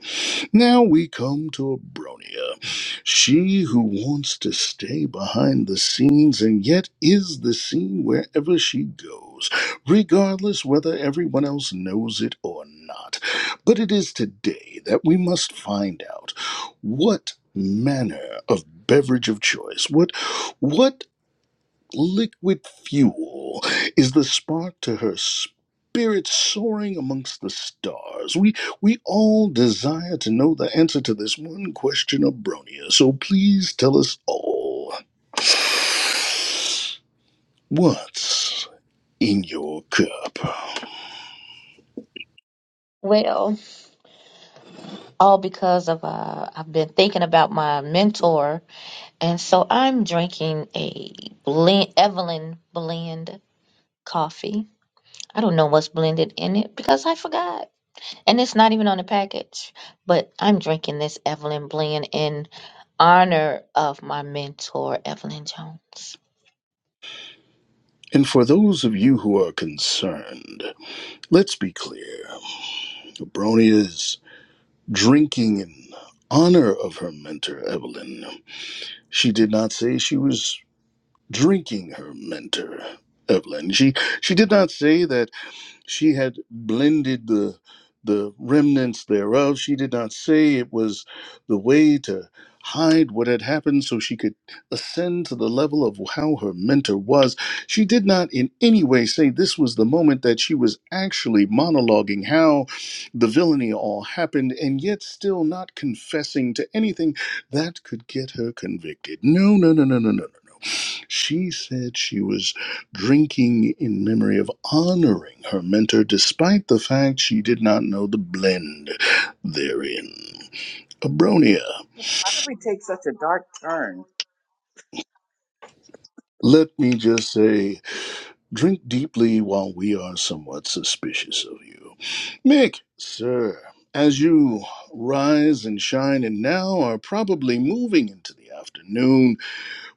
[SPEAKER 1] Now we come to Abronia, she who wants to stay behind the scenes and yet is the scene wherever she goes, regardless whether everyone else knows it or not. But it is today that we must find out what manner of beverage of choice, what what liquid fuel is the spark to her spirit soaring amongst the stars. We we all desire to know the answer to this one question of Bronia, so please tell us all. What's in your cup?
[SPEAKER 10] Well, all because of uh, I've been thinking about my mentor And so I'm drinking a blend, Evelyn blend coffee. I don't know what's blended in it because I forgot. And it's not even on the package. But I'm drinking this Evelyn blend in honor of my mentor, Evelyn Jones.
[SPEAKER 1] And for those of you who are concerned, let's be clear. Bronia is drinking in honor of her mentor, Evelyn. She did not say she was drinking her mentor, Evelyn. She she did not say that she had blended the the remnants thereof she did not say it was the way to hide what had happened so she could ascend to the level of how her mentor was she did not in any way say this was the moment that she was actually monologuing how the villainy all happened and yet still not confessing to anything that could get her convicted no no no no no no no no she said she was drinking in memory of honoring her mentor despite the fact she did not know the blend therein. Abronia, let me just say, drink deeply while we are somewhat suspicious of you. Mick, sir, as you rise and shine and now are probably moving into the afternoon,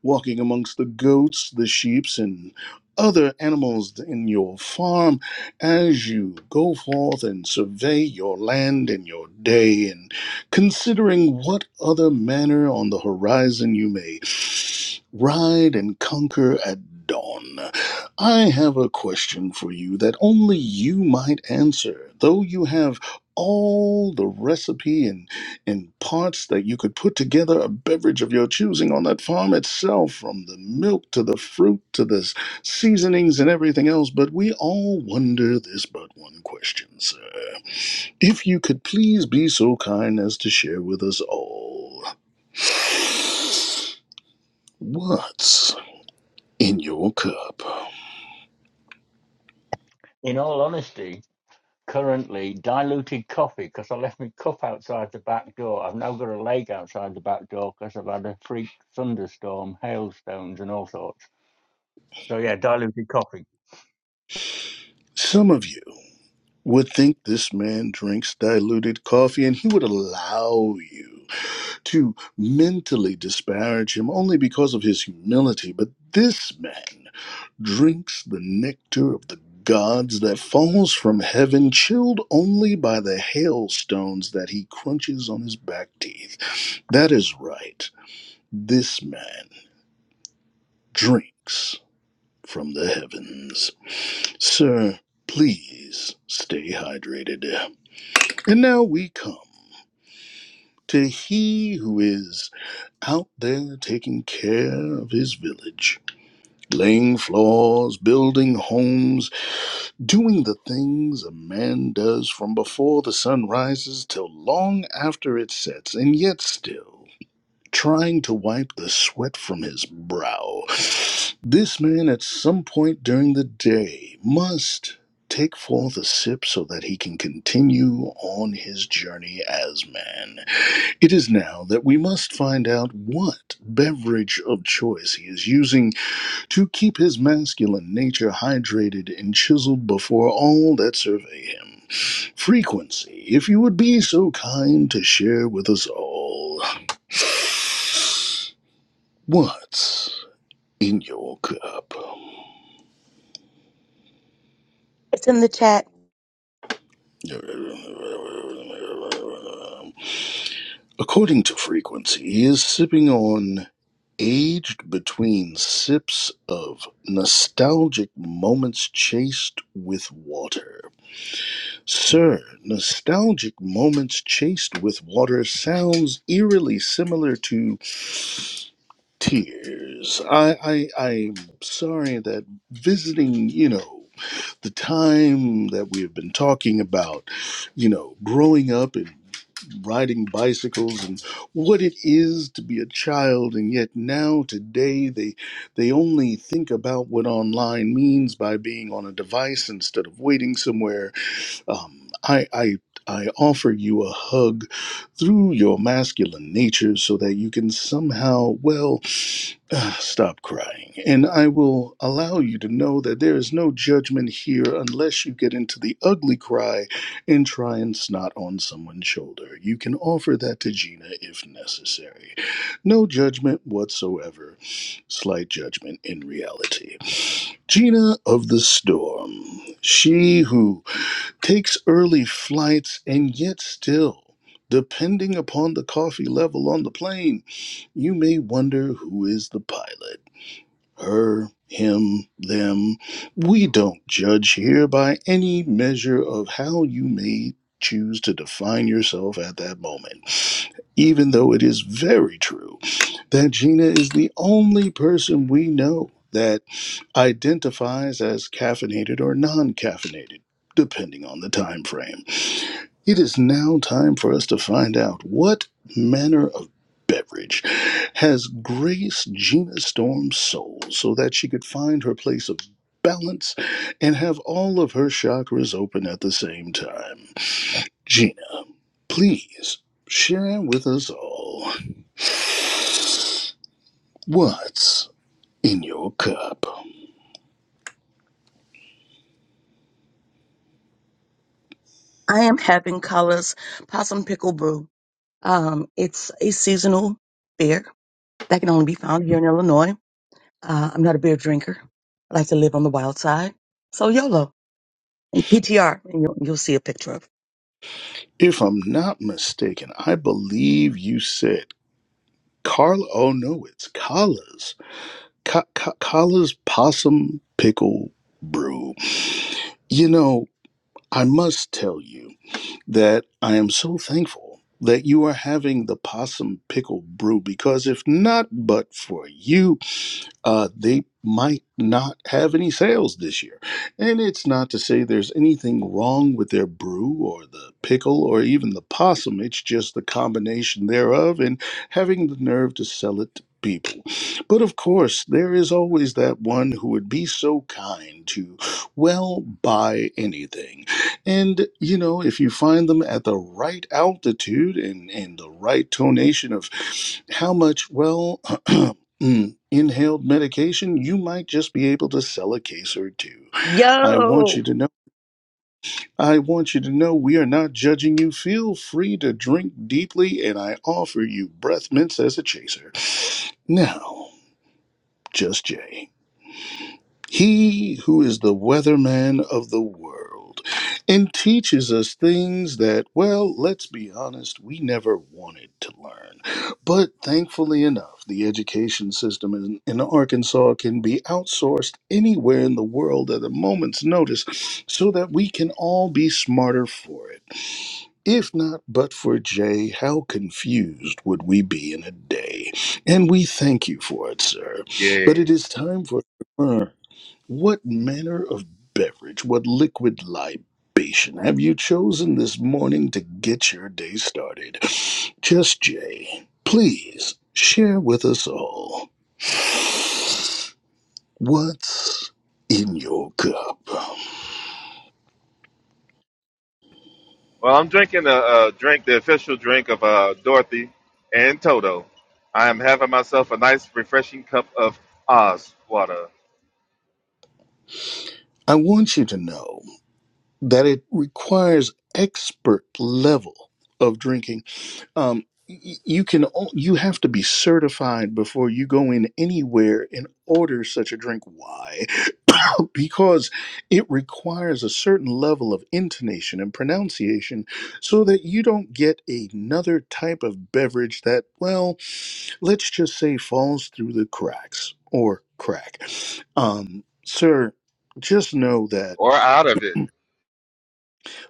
[SPEAKER 1] walking amongst the goats, the sheeps, and other animals in your farm as you go forth and survey your land and your day, and considering what other manner on the horizon you may ride and conquer at dawn. I have a question for you that only you might answer, though you have all the recipe and in parts that you could put together a beverage of your choosing on that farm itself, from the milk to the fruit to the s- seasonings and everything else. But we all wonder this but one question, sir. If you could please be so kind as to share with us all what's in your cup.
[SPEAKER 9] In all honesty, currently diluted coffee because I left my cup outside the back door. I've now got a leg outside the back door because I've had a freak thunderstorm, hailstones, and all sorts. So yeah, diluted coffee.
[SPEAKER 1] Some of you would think this man drinks diluted coffee and he would allow you. to mentally disparage him only because of his humility, but this man drinks the nectar of the gods that falls from heaven, chilled only by the hailstones that he crunches on his back teeth. That is right. This man drinks from the heavens. Sir, please stay hydrated. And now we come to he who is out there taking care of his village. laying floors, building homes, doing the things a man does from before the sun rises till long after it sets, and yet still trying to wipe the sweat from his brow. This man, at some point during the day, must take forth a sip so that he can continue on his journey as man. It is now that we must find out what beverage of choice he is using to keep his masculine nature hydrated and chiseled before all that survey him. Frequency, if you would be so kind to share with us all what's in your cup.
[SPEAKER 4] It's in the chat.
[SPEAKER 1] According to frequency, he is sipping on aged between sips of nostalgic moments chased with water. Sir, nostalgic moments chased with water sounds eerily similar to tears. I, I, I'm sorry that visiting, you know, the time that we have been talking about, you know, growing up and riding bicycles and what it is to be a child and yet now today they they only think about what online means by being on a device instead of waiting somewhere um, I, I, I offer you a hug through your masculine nature so that you can somehow, well, (sighs) ah, stop crying. And I will allow you to know that there is no judgment here unless you get into the ugly cry and try and snot on someone's shoulder. You can offer that to Gina if necessary. No judgment whatsoever, slight judgment in reality. Gina of the Storm, she who takes early flights, and yet still, depending upon the coffee level on the plane, you may wonder who is the pilot. Her, him, them. We don't judge here by any measure of how you may choose to define yourself at that moment, even though it is very true that Gina is the only person we know that identifies as caffeinated or non caffeinated, depending on the time frame. It is now time for us to find out what manner of beverage has graced Gina Storm's soul so that she could find her place of balance and have all of her chakras open at the same time. Gina, please share with us all what's in your cup.
[SPEAKER 4] I am having colors possum pickle brew. Um, it's a seasonal beer that can only be found here in Illinois. Uh, I'm not a beer drinker. I like to live on the wild side. So YOLO and PTR, and you'll, you'll see a picture of. it.
[SPEAKER 1] If I'm not mistaken, I believe you said Carla. Oh no, it's Carla's Ka- Ka- Kala's possum pickle brew. You know, I must tell you that I am so thankful that you are having the possum pickle brew because if not but for you, uh, they might not have any sales this year. And it's not to say there's anything wrong with their brew or the pickle or even the possum. It's just the combination thereof and having the nerve to sell it to people. But of course, there is always that one who would be so kind to, well, buy anything. And, you know, if you find them at the right altitude and, and the right tonation of how much, well, (clears throat) inhaled medication, you might just be able to sell a case or two. I want
[SPEAKER 4] Yo!
[SPEAKER 1] you to know, I want you to know we are not judging you. Feel free to drink deeply, and I offer you breath mints as a chaser. Now, just Jay. He who is the weatherman of the world and teaches us things that, well, let's be honest, we never wanted to learn. But thankfully enough, the education system in, in Arkansas can be outsourced anywhere in the world at a moment's notice so that we can all be smarter for it. If not but for Jay, how confused would we be in a day? And we thank you for it, sir. But it is
[SPEAKER 2] Yes.
[SPEAKER 1] time for. What manner of beverage, what liquid libation have you chosen this morning to get your day started? Just Jay, please share with us all what's in your cup.
[SPEAKER 2] Well, I'm drinking a, a drink, the official drink of uh, Dorothy and Toto. I am having myself a nice, refreshing cup of Oz water,
[SPEAKER 1] I want you to know that it requires expert level of drinking um, y- you can o- you have to be certified before you go in anywhere and order such a drink. Why? (coughs) because it requires a certain level of intonation and pronunciation so that you don't get another type of beverage that, well, let's just say falls through the cracks or crack. Um, sir, just know that.
[SPEAKER 2] or out of it.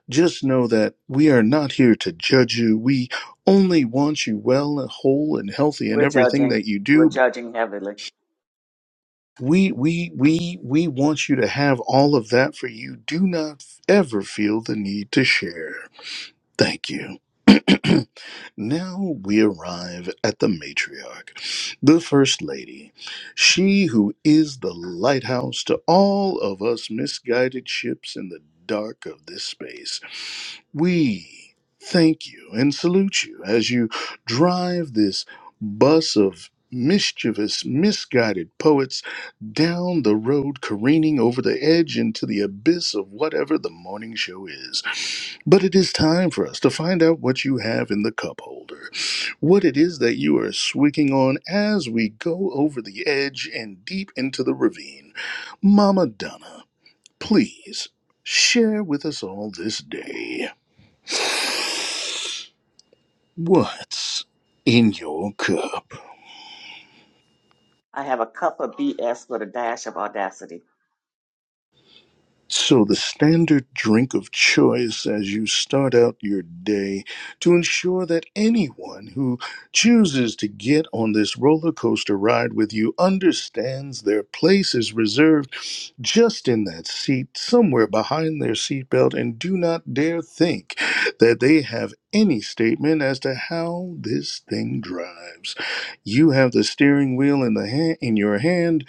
[SPEAKER 1] Just know that we are not here to judge you. We only want you well and whole and healthy in everything that you do. We we we we want you to have all of that for you. Do not ever feel the need to share. Thank you. (clears throat) now we arrive at the matriarch, the First Lady, she who is the lighthouse to all of us misguided ships in the dark of this space. We thank you and salute you as you drive this bus of mischievous, misguided poets down the road, careening over the edge into the abyss of whatever the morning show is. But it is time for us to find out what you have in the cup holder, what it is that you are swigging on as we go over the edge and deep into the ravine. Mama Donna, please share with us all this day. What's in your cup? So, the standard drink of choice as you start out your day to ensure that anyone who chooses to get on this roller coaster ride with you understands their place is reserved just in that seat, somewhere behind their seatbelt, and do not dare think that they have any statement as to how this thing drives. You have the steering wheel in the ha- in your hand,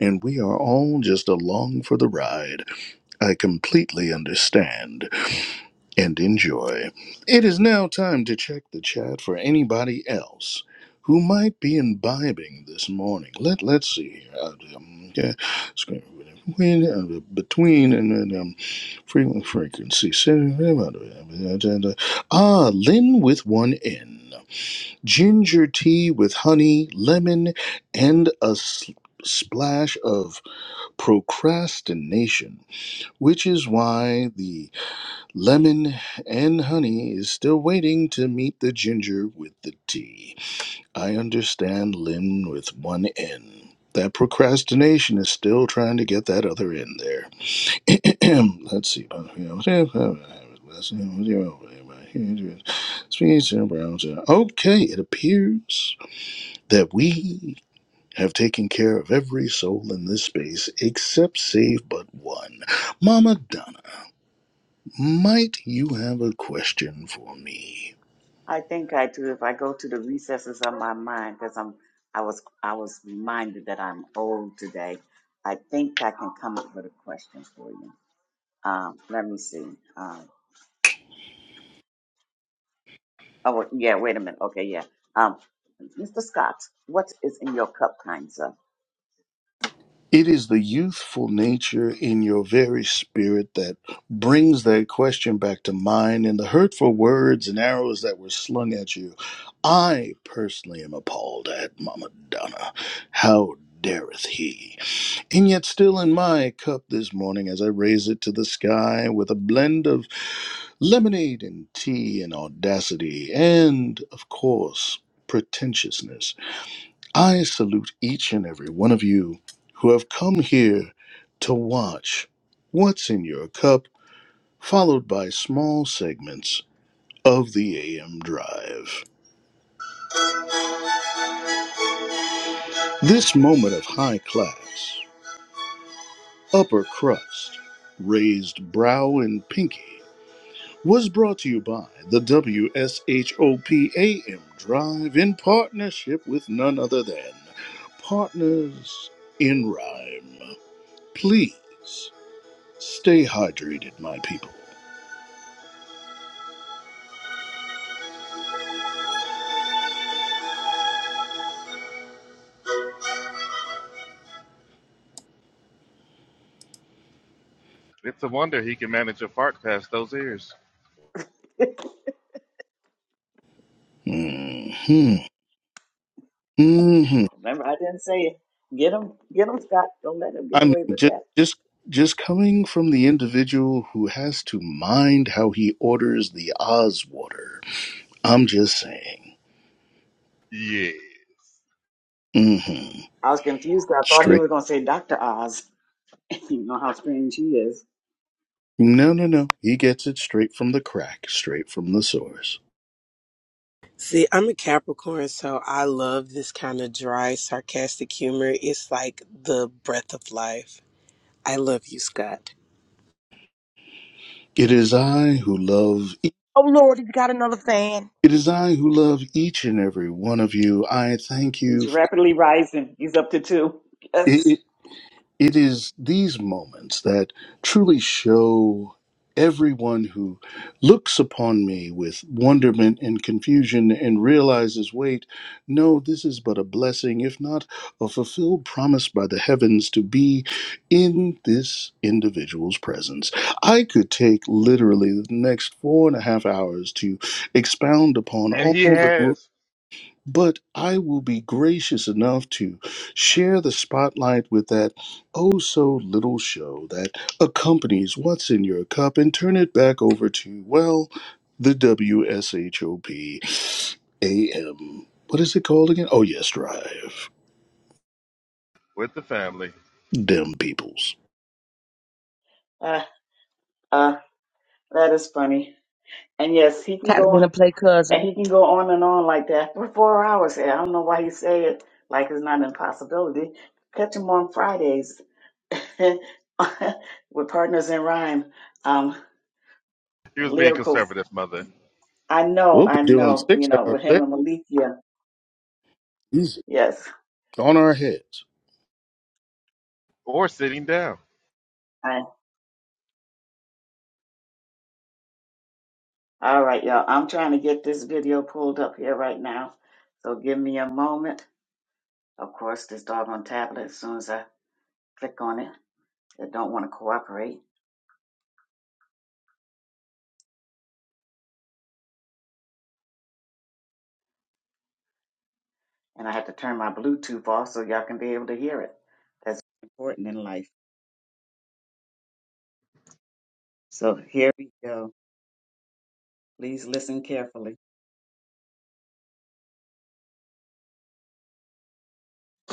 [SPEAKER 1] and we are all just along for the ride. I completely understand and enjoy. It is now time to check the chat for anybody else who might be imbibing this morning. Let Let's see here. Uh, um, yeah, screen- when, uh, between and then um, frequent frequency. Ah, Lynn with one N. Ginger tea with honey, lemon, and a s- splash of procrastination which is why the lemon and honey is still waiting to meet the ginger with the tea. I understand Lynn with one N. That procrastination is still trying to get that other N there. (clears throat) Let's see. Okay, it appears that we have taken care of every soul in this space except save but one. Mama Donna. Might you have a question for me? It is the youthful nature in your very spirit that brings that question back to mind and the hurtful words and arrows that were slung at you. I personally am appalled at Mama Donna. How dareth he? And yet, still in my cup this morning, as I raise it to the sky with a blend of lemonade and tea and audacity and, of course, pretentiousness. I salute each and every one of you who have come here to watch What's in Your Cup, followed by small segments of the AM Drive. This moment of high class, upper crust, raised brow, and pinky was brought to you by the W.S.H.O.P.A.M. Drive in partnership with none other than Partners in Rhyme. Please. Stay hydrated, my people.
[SPEAKER 2] It's a wonder he can manage a fart past those ears.
[SPEAKER 1] hmm hmm I mean, just just just coming from the individual who has to mind how he orders the Oz water. I'm just saying.
[SPEAKER 2] Yeah.
[SPEAKER 1] hmm Straight. No, no, no. He gets it straight from the crack, straight from the source.
[SPEAKER 11] See, I'm a Capricorn, so I love this kind of dry, sarcastic humor. It's like the breath of life. I love you, Scott.
[SPEAKER 1] It is I who love. e,
[SPEAKER 4] Oh Lord, he's got another fan.
[SPEAKER 1] It is I who love each and every one of you. I thank you for. it is these moments that truly show everyone who looks upon me with wonderment and confusion and realizes wait no this is but a blessing if not a fulfilled promise by the heavens to be in this individual's presence i could take literally the next four and a half hours to expound upon
[SPEAKER 2] And
[SPEAKER 1] all
[SPEAKER 2] he
[SPEAKER 1] the
[SPEAKER 2] has
[SPEAKER 1] but I will be gracious enough to share the spotlight with that oh so little show that accompanies what's in your cup and turn it back over to, well, the W S H O P A M. What is it called again? Oh, yes, Drive.
[SPEAKER 2] with the family.
[SPEAKER 1] Them peoples.
[SPEAKER 4] Kind of been a play cousin.
[SPEAKER 2] She was being conservative, mother,
[SPEAKER 1] We'll be doing six hours there. Easy. On our heads.
[SPEAKER 2] or sitting down.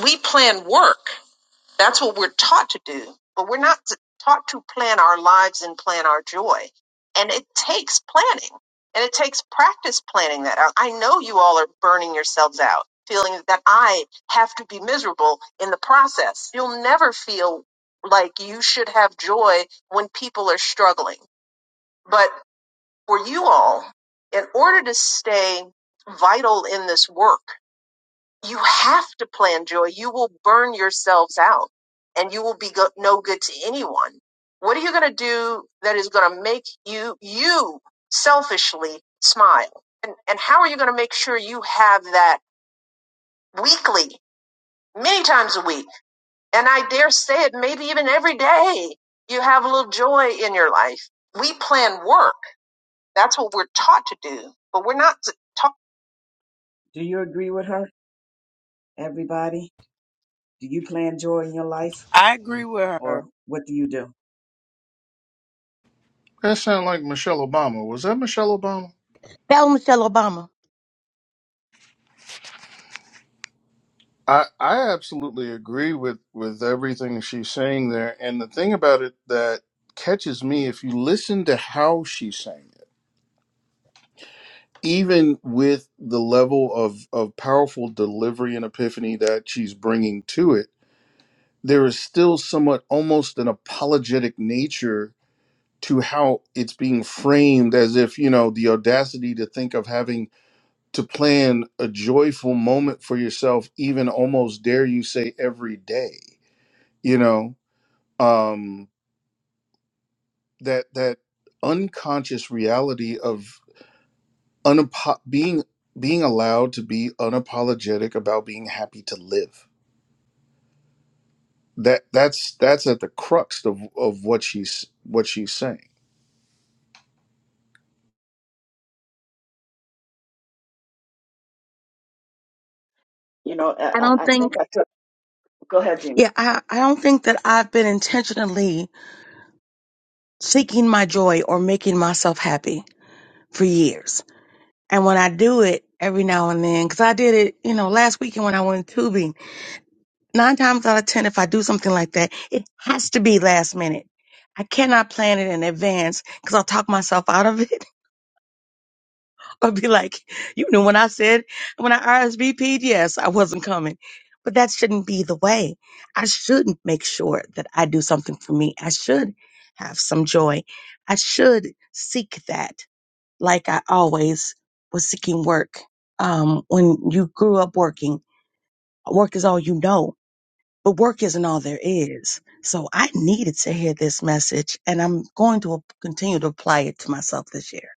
[SPEAKER 3] We plan work. That's what we're taught to do, but we're not taught to plan our lives and plan our joy. And it takes planning and it takes practice planning that out. I know you all are burning yourselves out, feeling that I have to be miserable in the process. You'll never feel like you should have joy when people are struggling. But for you all, in order to stay vital in this work, you have to plan joy. You will burn yourselves out and you will be go- no good to anyone. What are you going to do that is going to make you, you selfishly smile? And, and how are you going to make sure you have that weekly, many times a week? And I dare say it, maybe even every day, you have a little joy in your life. We plan work. That's what we're taught to do, but we're not
[SPEAKER 11] I agree with her.
[SPEAKER 1] That sound like Michelle Obama. Was that Michelle Obama?
[SPEAKER 4] Bell Michelle Obama.
[SPEAKER 1] I, I absolutely agree with, with everything she's saying there. And the thing about it that catches me, if you listen to how she's saying it, even with the level of, of powerful delivery and epiphany that she's bringing to it, there is still somewhat almost an apologetic nature to how it's being framed as if, you know, the audacity to think of having to plan a joyful moment for yourself, even almost dare you say every day, you know? um, that that unconscious reality of unapo- being being allowed to be unapologetic about being happy to live. That that's that's at the crux of, of what she's what she's saying.
[SPEAKER 4] I don't think, yeah, I, I don't think that I've been intentionally seeking my joy or making myself happy for years. And when I do it every now and then, because I did it, you know, last weekend when I went to Tubi, nine times out of ten, if I do something like that, it has to be last minute. I cannot plan it in advance because I'll talk myself out of it. (laughs) I'll be like, you know, when I said when I RSVP'd, yes, I wasn't coming. But that shouldn't be the way. I should make sure that I do something for me. I should have some joy. I should seek that like I always was seeking work. Um, when you grew up working, work is all you know but work isn't all there is. So I needed to hear this message and I'm going to continue to apply it to myself this year.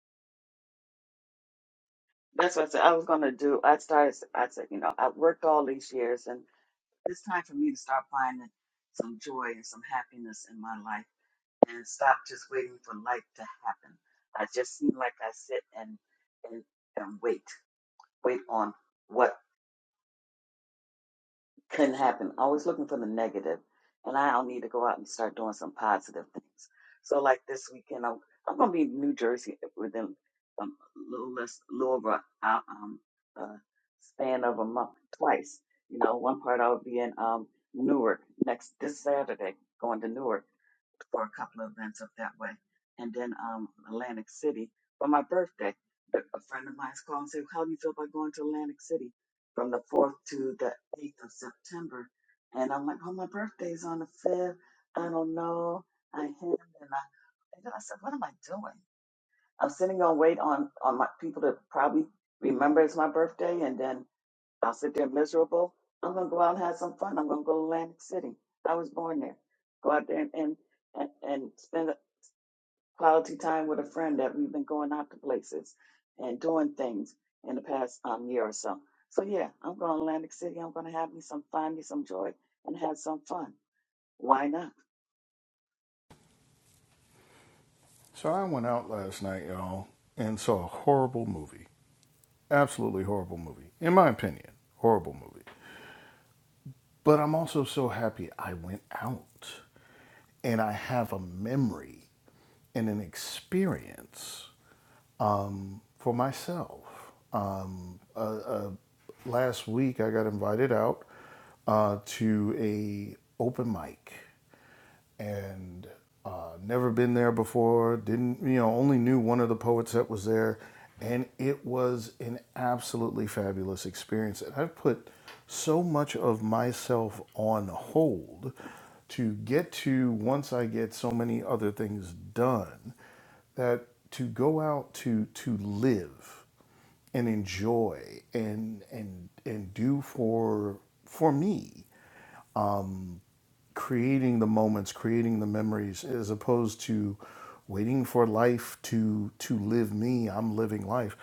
[SPEAKER 1] So I went out last night, y'all, and saw a horrible movie. Absolutely horrible movie. In my opinion, horrible movie. But I'm also so happy I went out and I have a memory and an experience um, for myself. Um, uh, uh, last week, I got invited out uh, to a open mic, and uh, never been there before. Didn't you know? Only knew one of the poets that was there, and it was an absolutely fabulous experience. And I've put so much of myself on hold to get to once I get so many other things done that to go out to to live and enjoy and and and do for for me creating the moments creating the memories as opposed to waiting for life to to live me i'm living life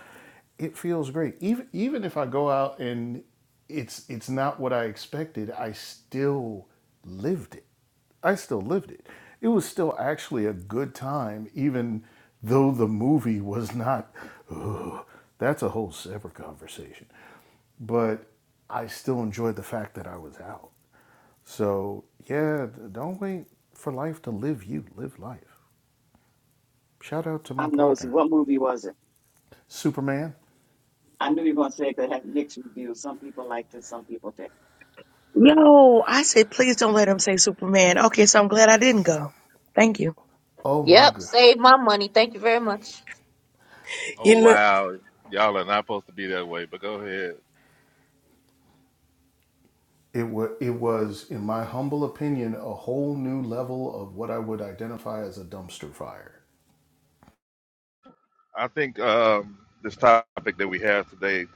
[SPEAKER 1] it feels great even even if i go out and it's it's not what i expected i still lived it i still lived it it was still actually a good time even though the movie was not Ugh, that's a whole separate conversation but I still enjoyed the fact that I was out. So yeah, don't wait for life to live you. Live life. Shout out to my partner, Superman.
[SPEAKER 4] Yo, I said, please don't let him say Superman. Okay, so I'm glad I didn't go. Thank you.
[SPEAKER 1] Oh my
[SPEAKER 10] Yep,
[SPEAKER 1] god.
[SPEAKER 10] save my money. Thank you very much.
[SPEAKER 2] Oh
[SPEAKER 11] You know,
[SPEAKER 2] wow, y'all are not supposed to be that way. But go ahead.
[SPEAKER 1] It was, it was, in my humble opinion, a whole new level of what I would identify as a dumpster fire.
[SPEAKER 2] I think um, this topic that we have today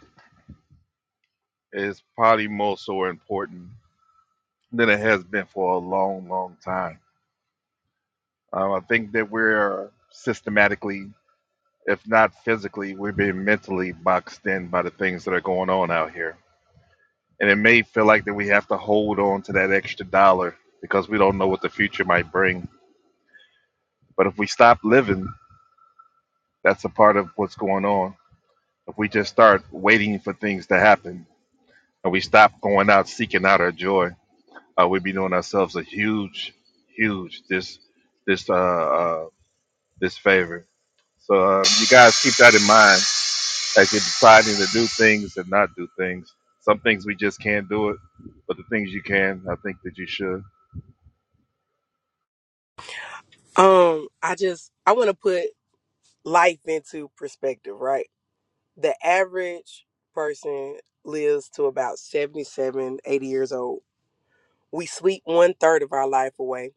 [SPEAKER 2] is probably more so important than it has been for a long, long time. Um, I think that we're systematically, if not physically, we've been mentally boxed in by the things that are going on out here, and it may feel like that we have to hold on to that extra dollar because we don't know what the future might bring. But if we stop living That's a part of what's going on. If we just start waiting for things to happen and we stop going out seeking out our joy, uh, we'd be doing ourselves a huge, huge this this uh, uh this favor. So uh, you guys keep that in mind as you're deciding to do things and not do things. Some things we just can't do it, but the things you can, I think that you should.
[SPEAKER 11] um, I just I want to put life into perspective, right? The average person lives to about 77, 80 years old. We sleep one third of our life away.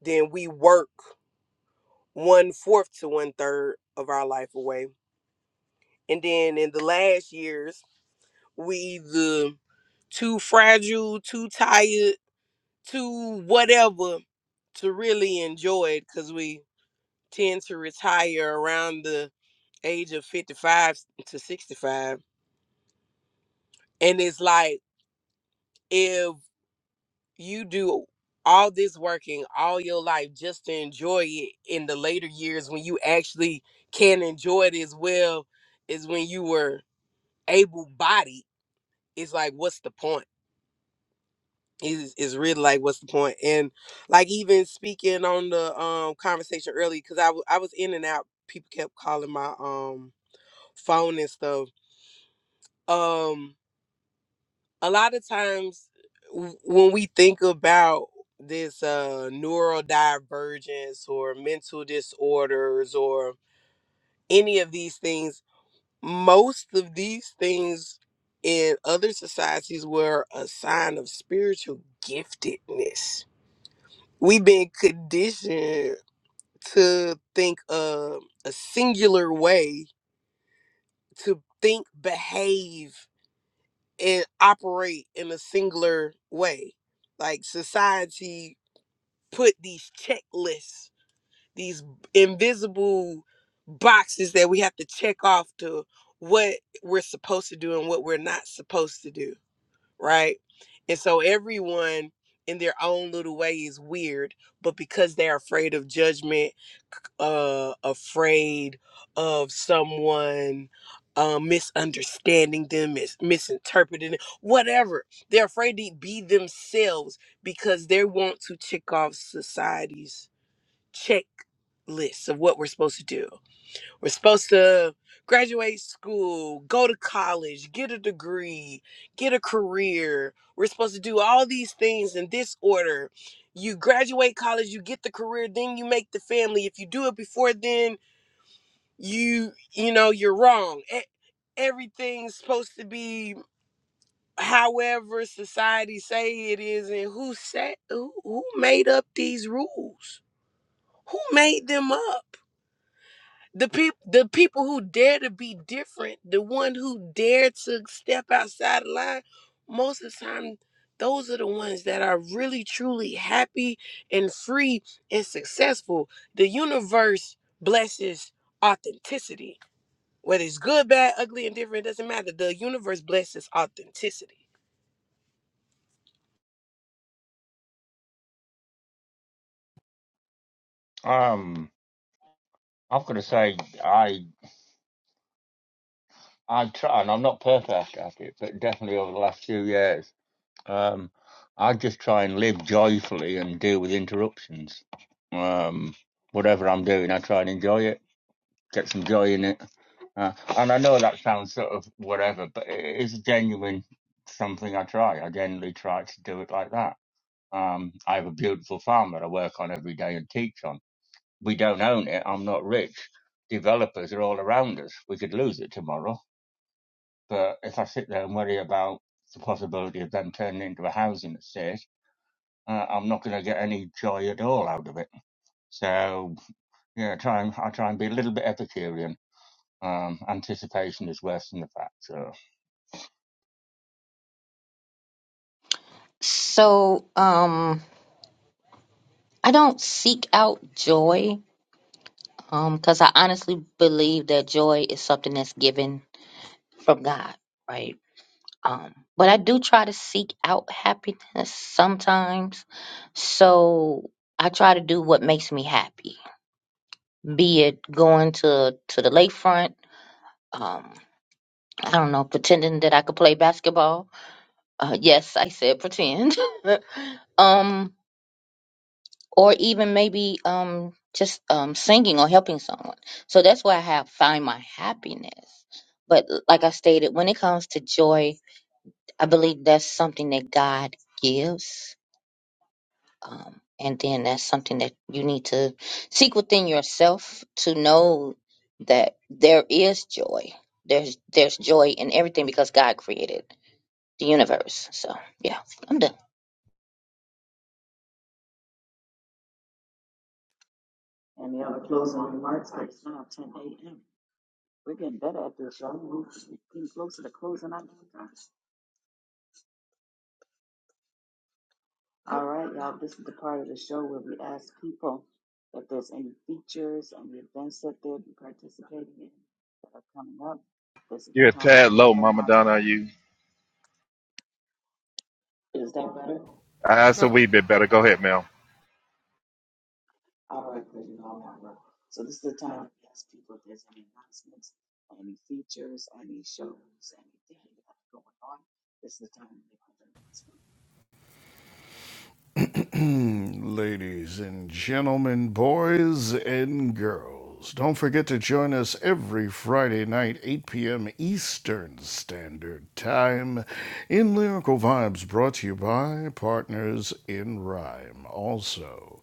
[SPEAKER 11] Then we work one fourth to one third of our life away. And then in the last years, we either too fragile, too tired, too whatever to really enjoy it because we tend to retire around the age of 55 to 65. And it's like, if. you do all this working all your life just to enjoy it in the later years when you actually can enjoy it as well as when you were able bodied it's like what's the point is is really like what's the point point? and like even speaking on the um conversation early because I w- I was in and out people kept calling my um phone and stuff um, a lot of times w- when we think about this uh neurodivergence or mental disorders or any of these things most of these things in other societies were a sign of spiritual giftedness we've been conditioned to think uh, a singular way to think behave and operate in a singular way. Like society put these checklists, these invisible boxes that we have to check off to what we're supposed to do and what we're not supposed to do right? And so everyone in their own little way is weird, but because they're afraid of judgment, c- uh, afraid of someone uh, misunderstanding them, mis- misinterpreting it, whatever, they're afraid to be themselves because they want to check off society's checklists of what we're supposed to do. We're supposed to graduate school, go to college, get a degree, get a career. We're supposed to do all these things in this order. You graduate college, you get the career, then you make the family. If you do it before then, you you know, you're wrong. E- Everything's supposed to be however society say it is and who set who, who made up these rules? Who made them up? the people the people who dare to be different the one who dare to step outside the line most of the time those are the ones that are really truly happy and free and successful the universe blesses authenticity whether it's good bad ugly and different it doesn't matter the universe blesses authenticity
[SPEAKER 9] Um, I've got to say, I I try, and I'm not perfect at it, but definitely over the last few years. Um, I just try and live joyfully and deal with interruptions. Um, whatever I'm doing, I try and enjoy it, get some joy in it. Uh, and I know that sounds sort of whatever, but it is a genuine something I try. I generally try to do it like that. Um, I have a beautiful farm that I work on every day and teach on. We don't own it. I'm not rich. Developers are all around us. We could lose it tomorrow. But if I sit there and worry about the possibility of them turning it into a housing estate, uh, I'm not going to get any joy at all out of it. So yeah, try and I try and be a little bit Epicurean. Um, anticipation is worse than the fact. So.
[SPEAKER 10] So, um, I don't seek out joy um, because I honestly believe that joy is something that's given from God, right? Um, but I do try to seek out happiness sometimes. So I try to do what makes me happy, be it going to, to the lakefront, um, I don't know, pretending that I could play basketball. Uh, yes, I said pretend. (laughs) um, or even maybe um, just um, singing or helping someone. So that's where I have find my happiness. But like I stated, when it comes to joy, I believe that's something that God gives Um, and then that's something that you need to seek within yourself to know that there is joy. There's there's joy in everything because God created the universe. So yeah, I'm done.
[SPEAKER 2] You're a tad low, Mama Donna. Are you? Uh, that's
[SPEAKER 1] Now,
[SPEAKER 2] a wee bit better. Go ahead, Mel.
[SPEAKER 1] (clears throat) Ladies and gentlemen, boys and girls, don't forget to join us every Friday night, 8 p.m. Eastern Standard Time, in Lyrical Vibes, brought to you by Partners in Rhyme. Also,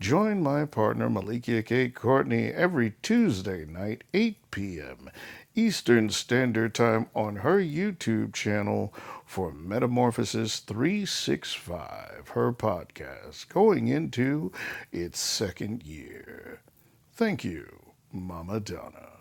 [SPEAKER 1] Join my partner Malikia K. Courtney every Tuesday night, 8 p.m. Eastern Standard Time on her YouTube channel for Metamorphosis 365, her podcast, going into its second year. Thank you, Mama Donna.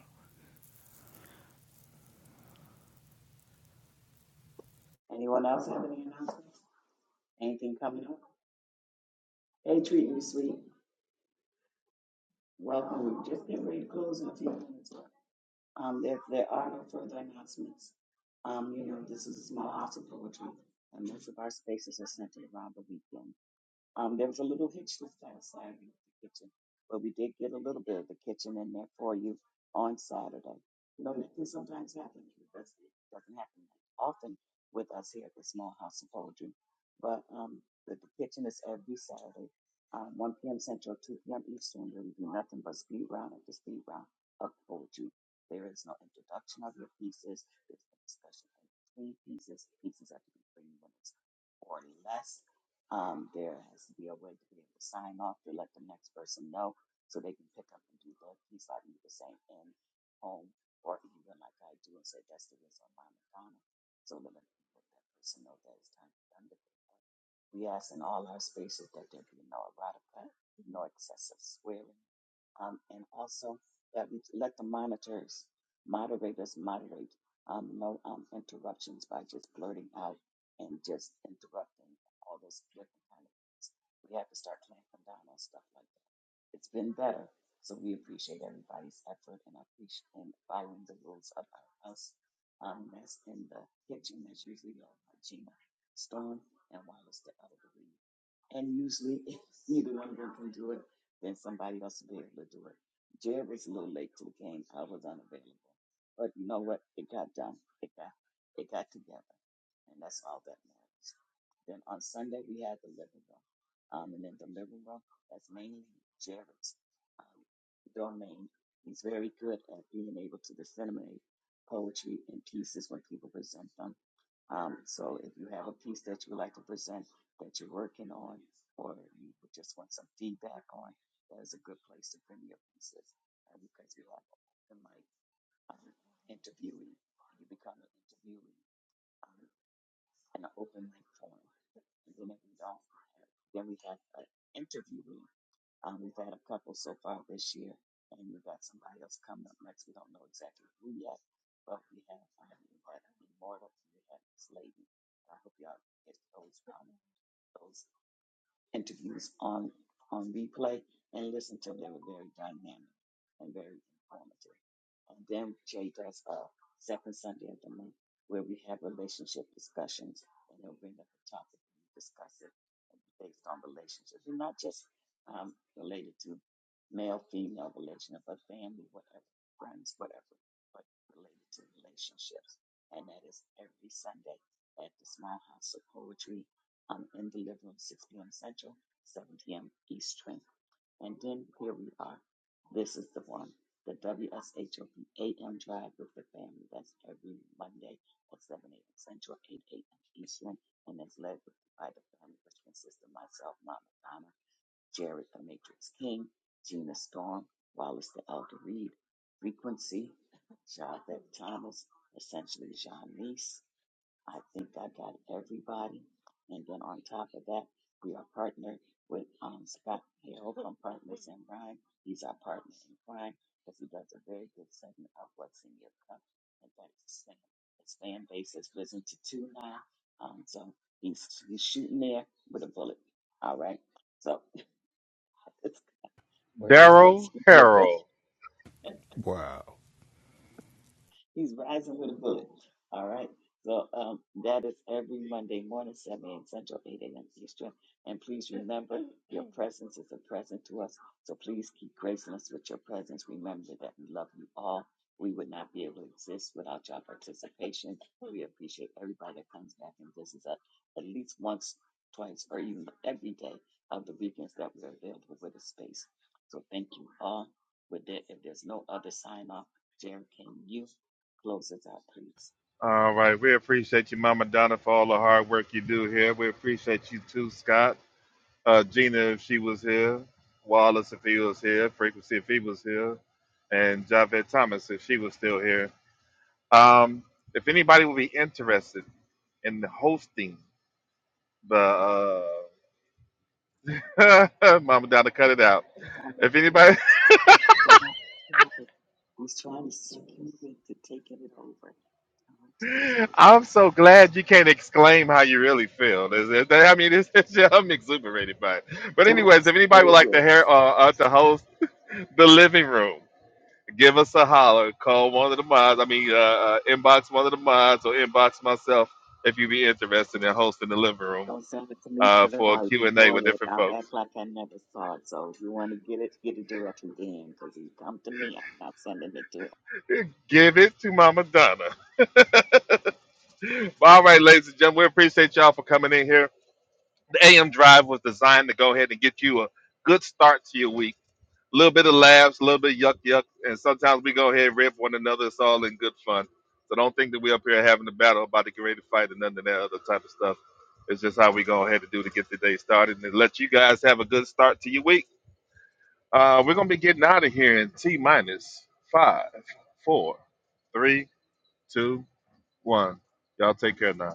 [SPEAKER 2] Daryl Harrell.
[SPEAKER 1] Wow.
[SPEAKER 2] All right. We appreciate you, Mama Donna, for all the hard work you do here. We appreciate you too, Scott. Uh, Gina, if she was here. Wallace, if he was here. Frequency, if he was here. And Javed Thomas, if she was still here. Um, if anybody would be interested in hosting the uh, (laughs) Mama Donna, cut it out. If anybody, (laughs) I'm so glad you can't exclaim how you really feel. There's- there- there- I mean, (laughs) it's, it's just, I'm exuberated by it. But anyways, if anybody would like to hear uh, uh, to host the living room, give us a holler. Call one of the mods. I mean, uh, uh, inbox one of the mods or inbox myself if you'd be interested in hosting the living room uh, for a Q and A with different folks. Give it to Mama Donna. (laughs) All right, ladies and gentlemen, we appreciate y'all for coming in here. AM Drive was designed to go ahead and get you a good start to your week. A little bit of laughs, a little bit of yuck yuck, and sometimes we go ahead and rip one another. It's all in good fun. So don't think that we up here having a battle about to get ready to fight and none of that other type of stuff. It's just how we go ahead and do to get the day started and let you guys have a good start to your week. Uh, we're gonna be getting out of here in T minus five, four, three, two, one. Y'all take care now.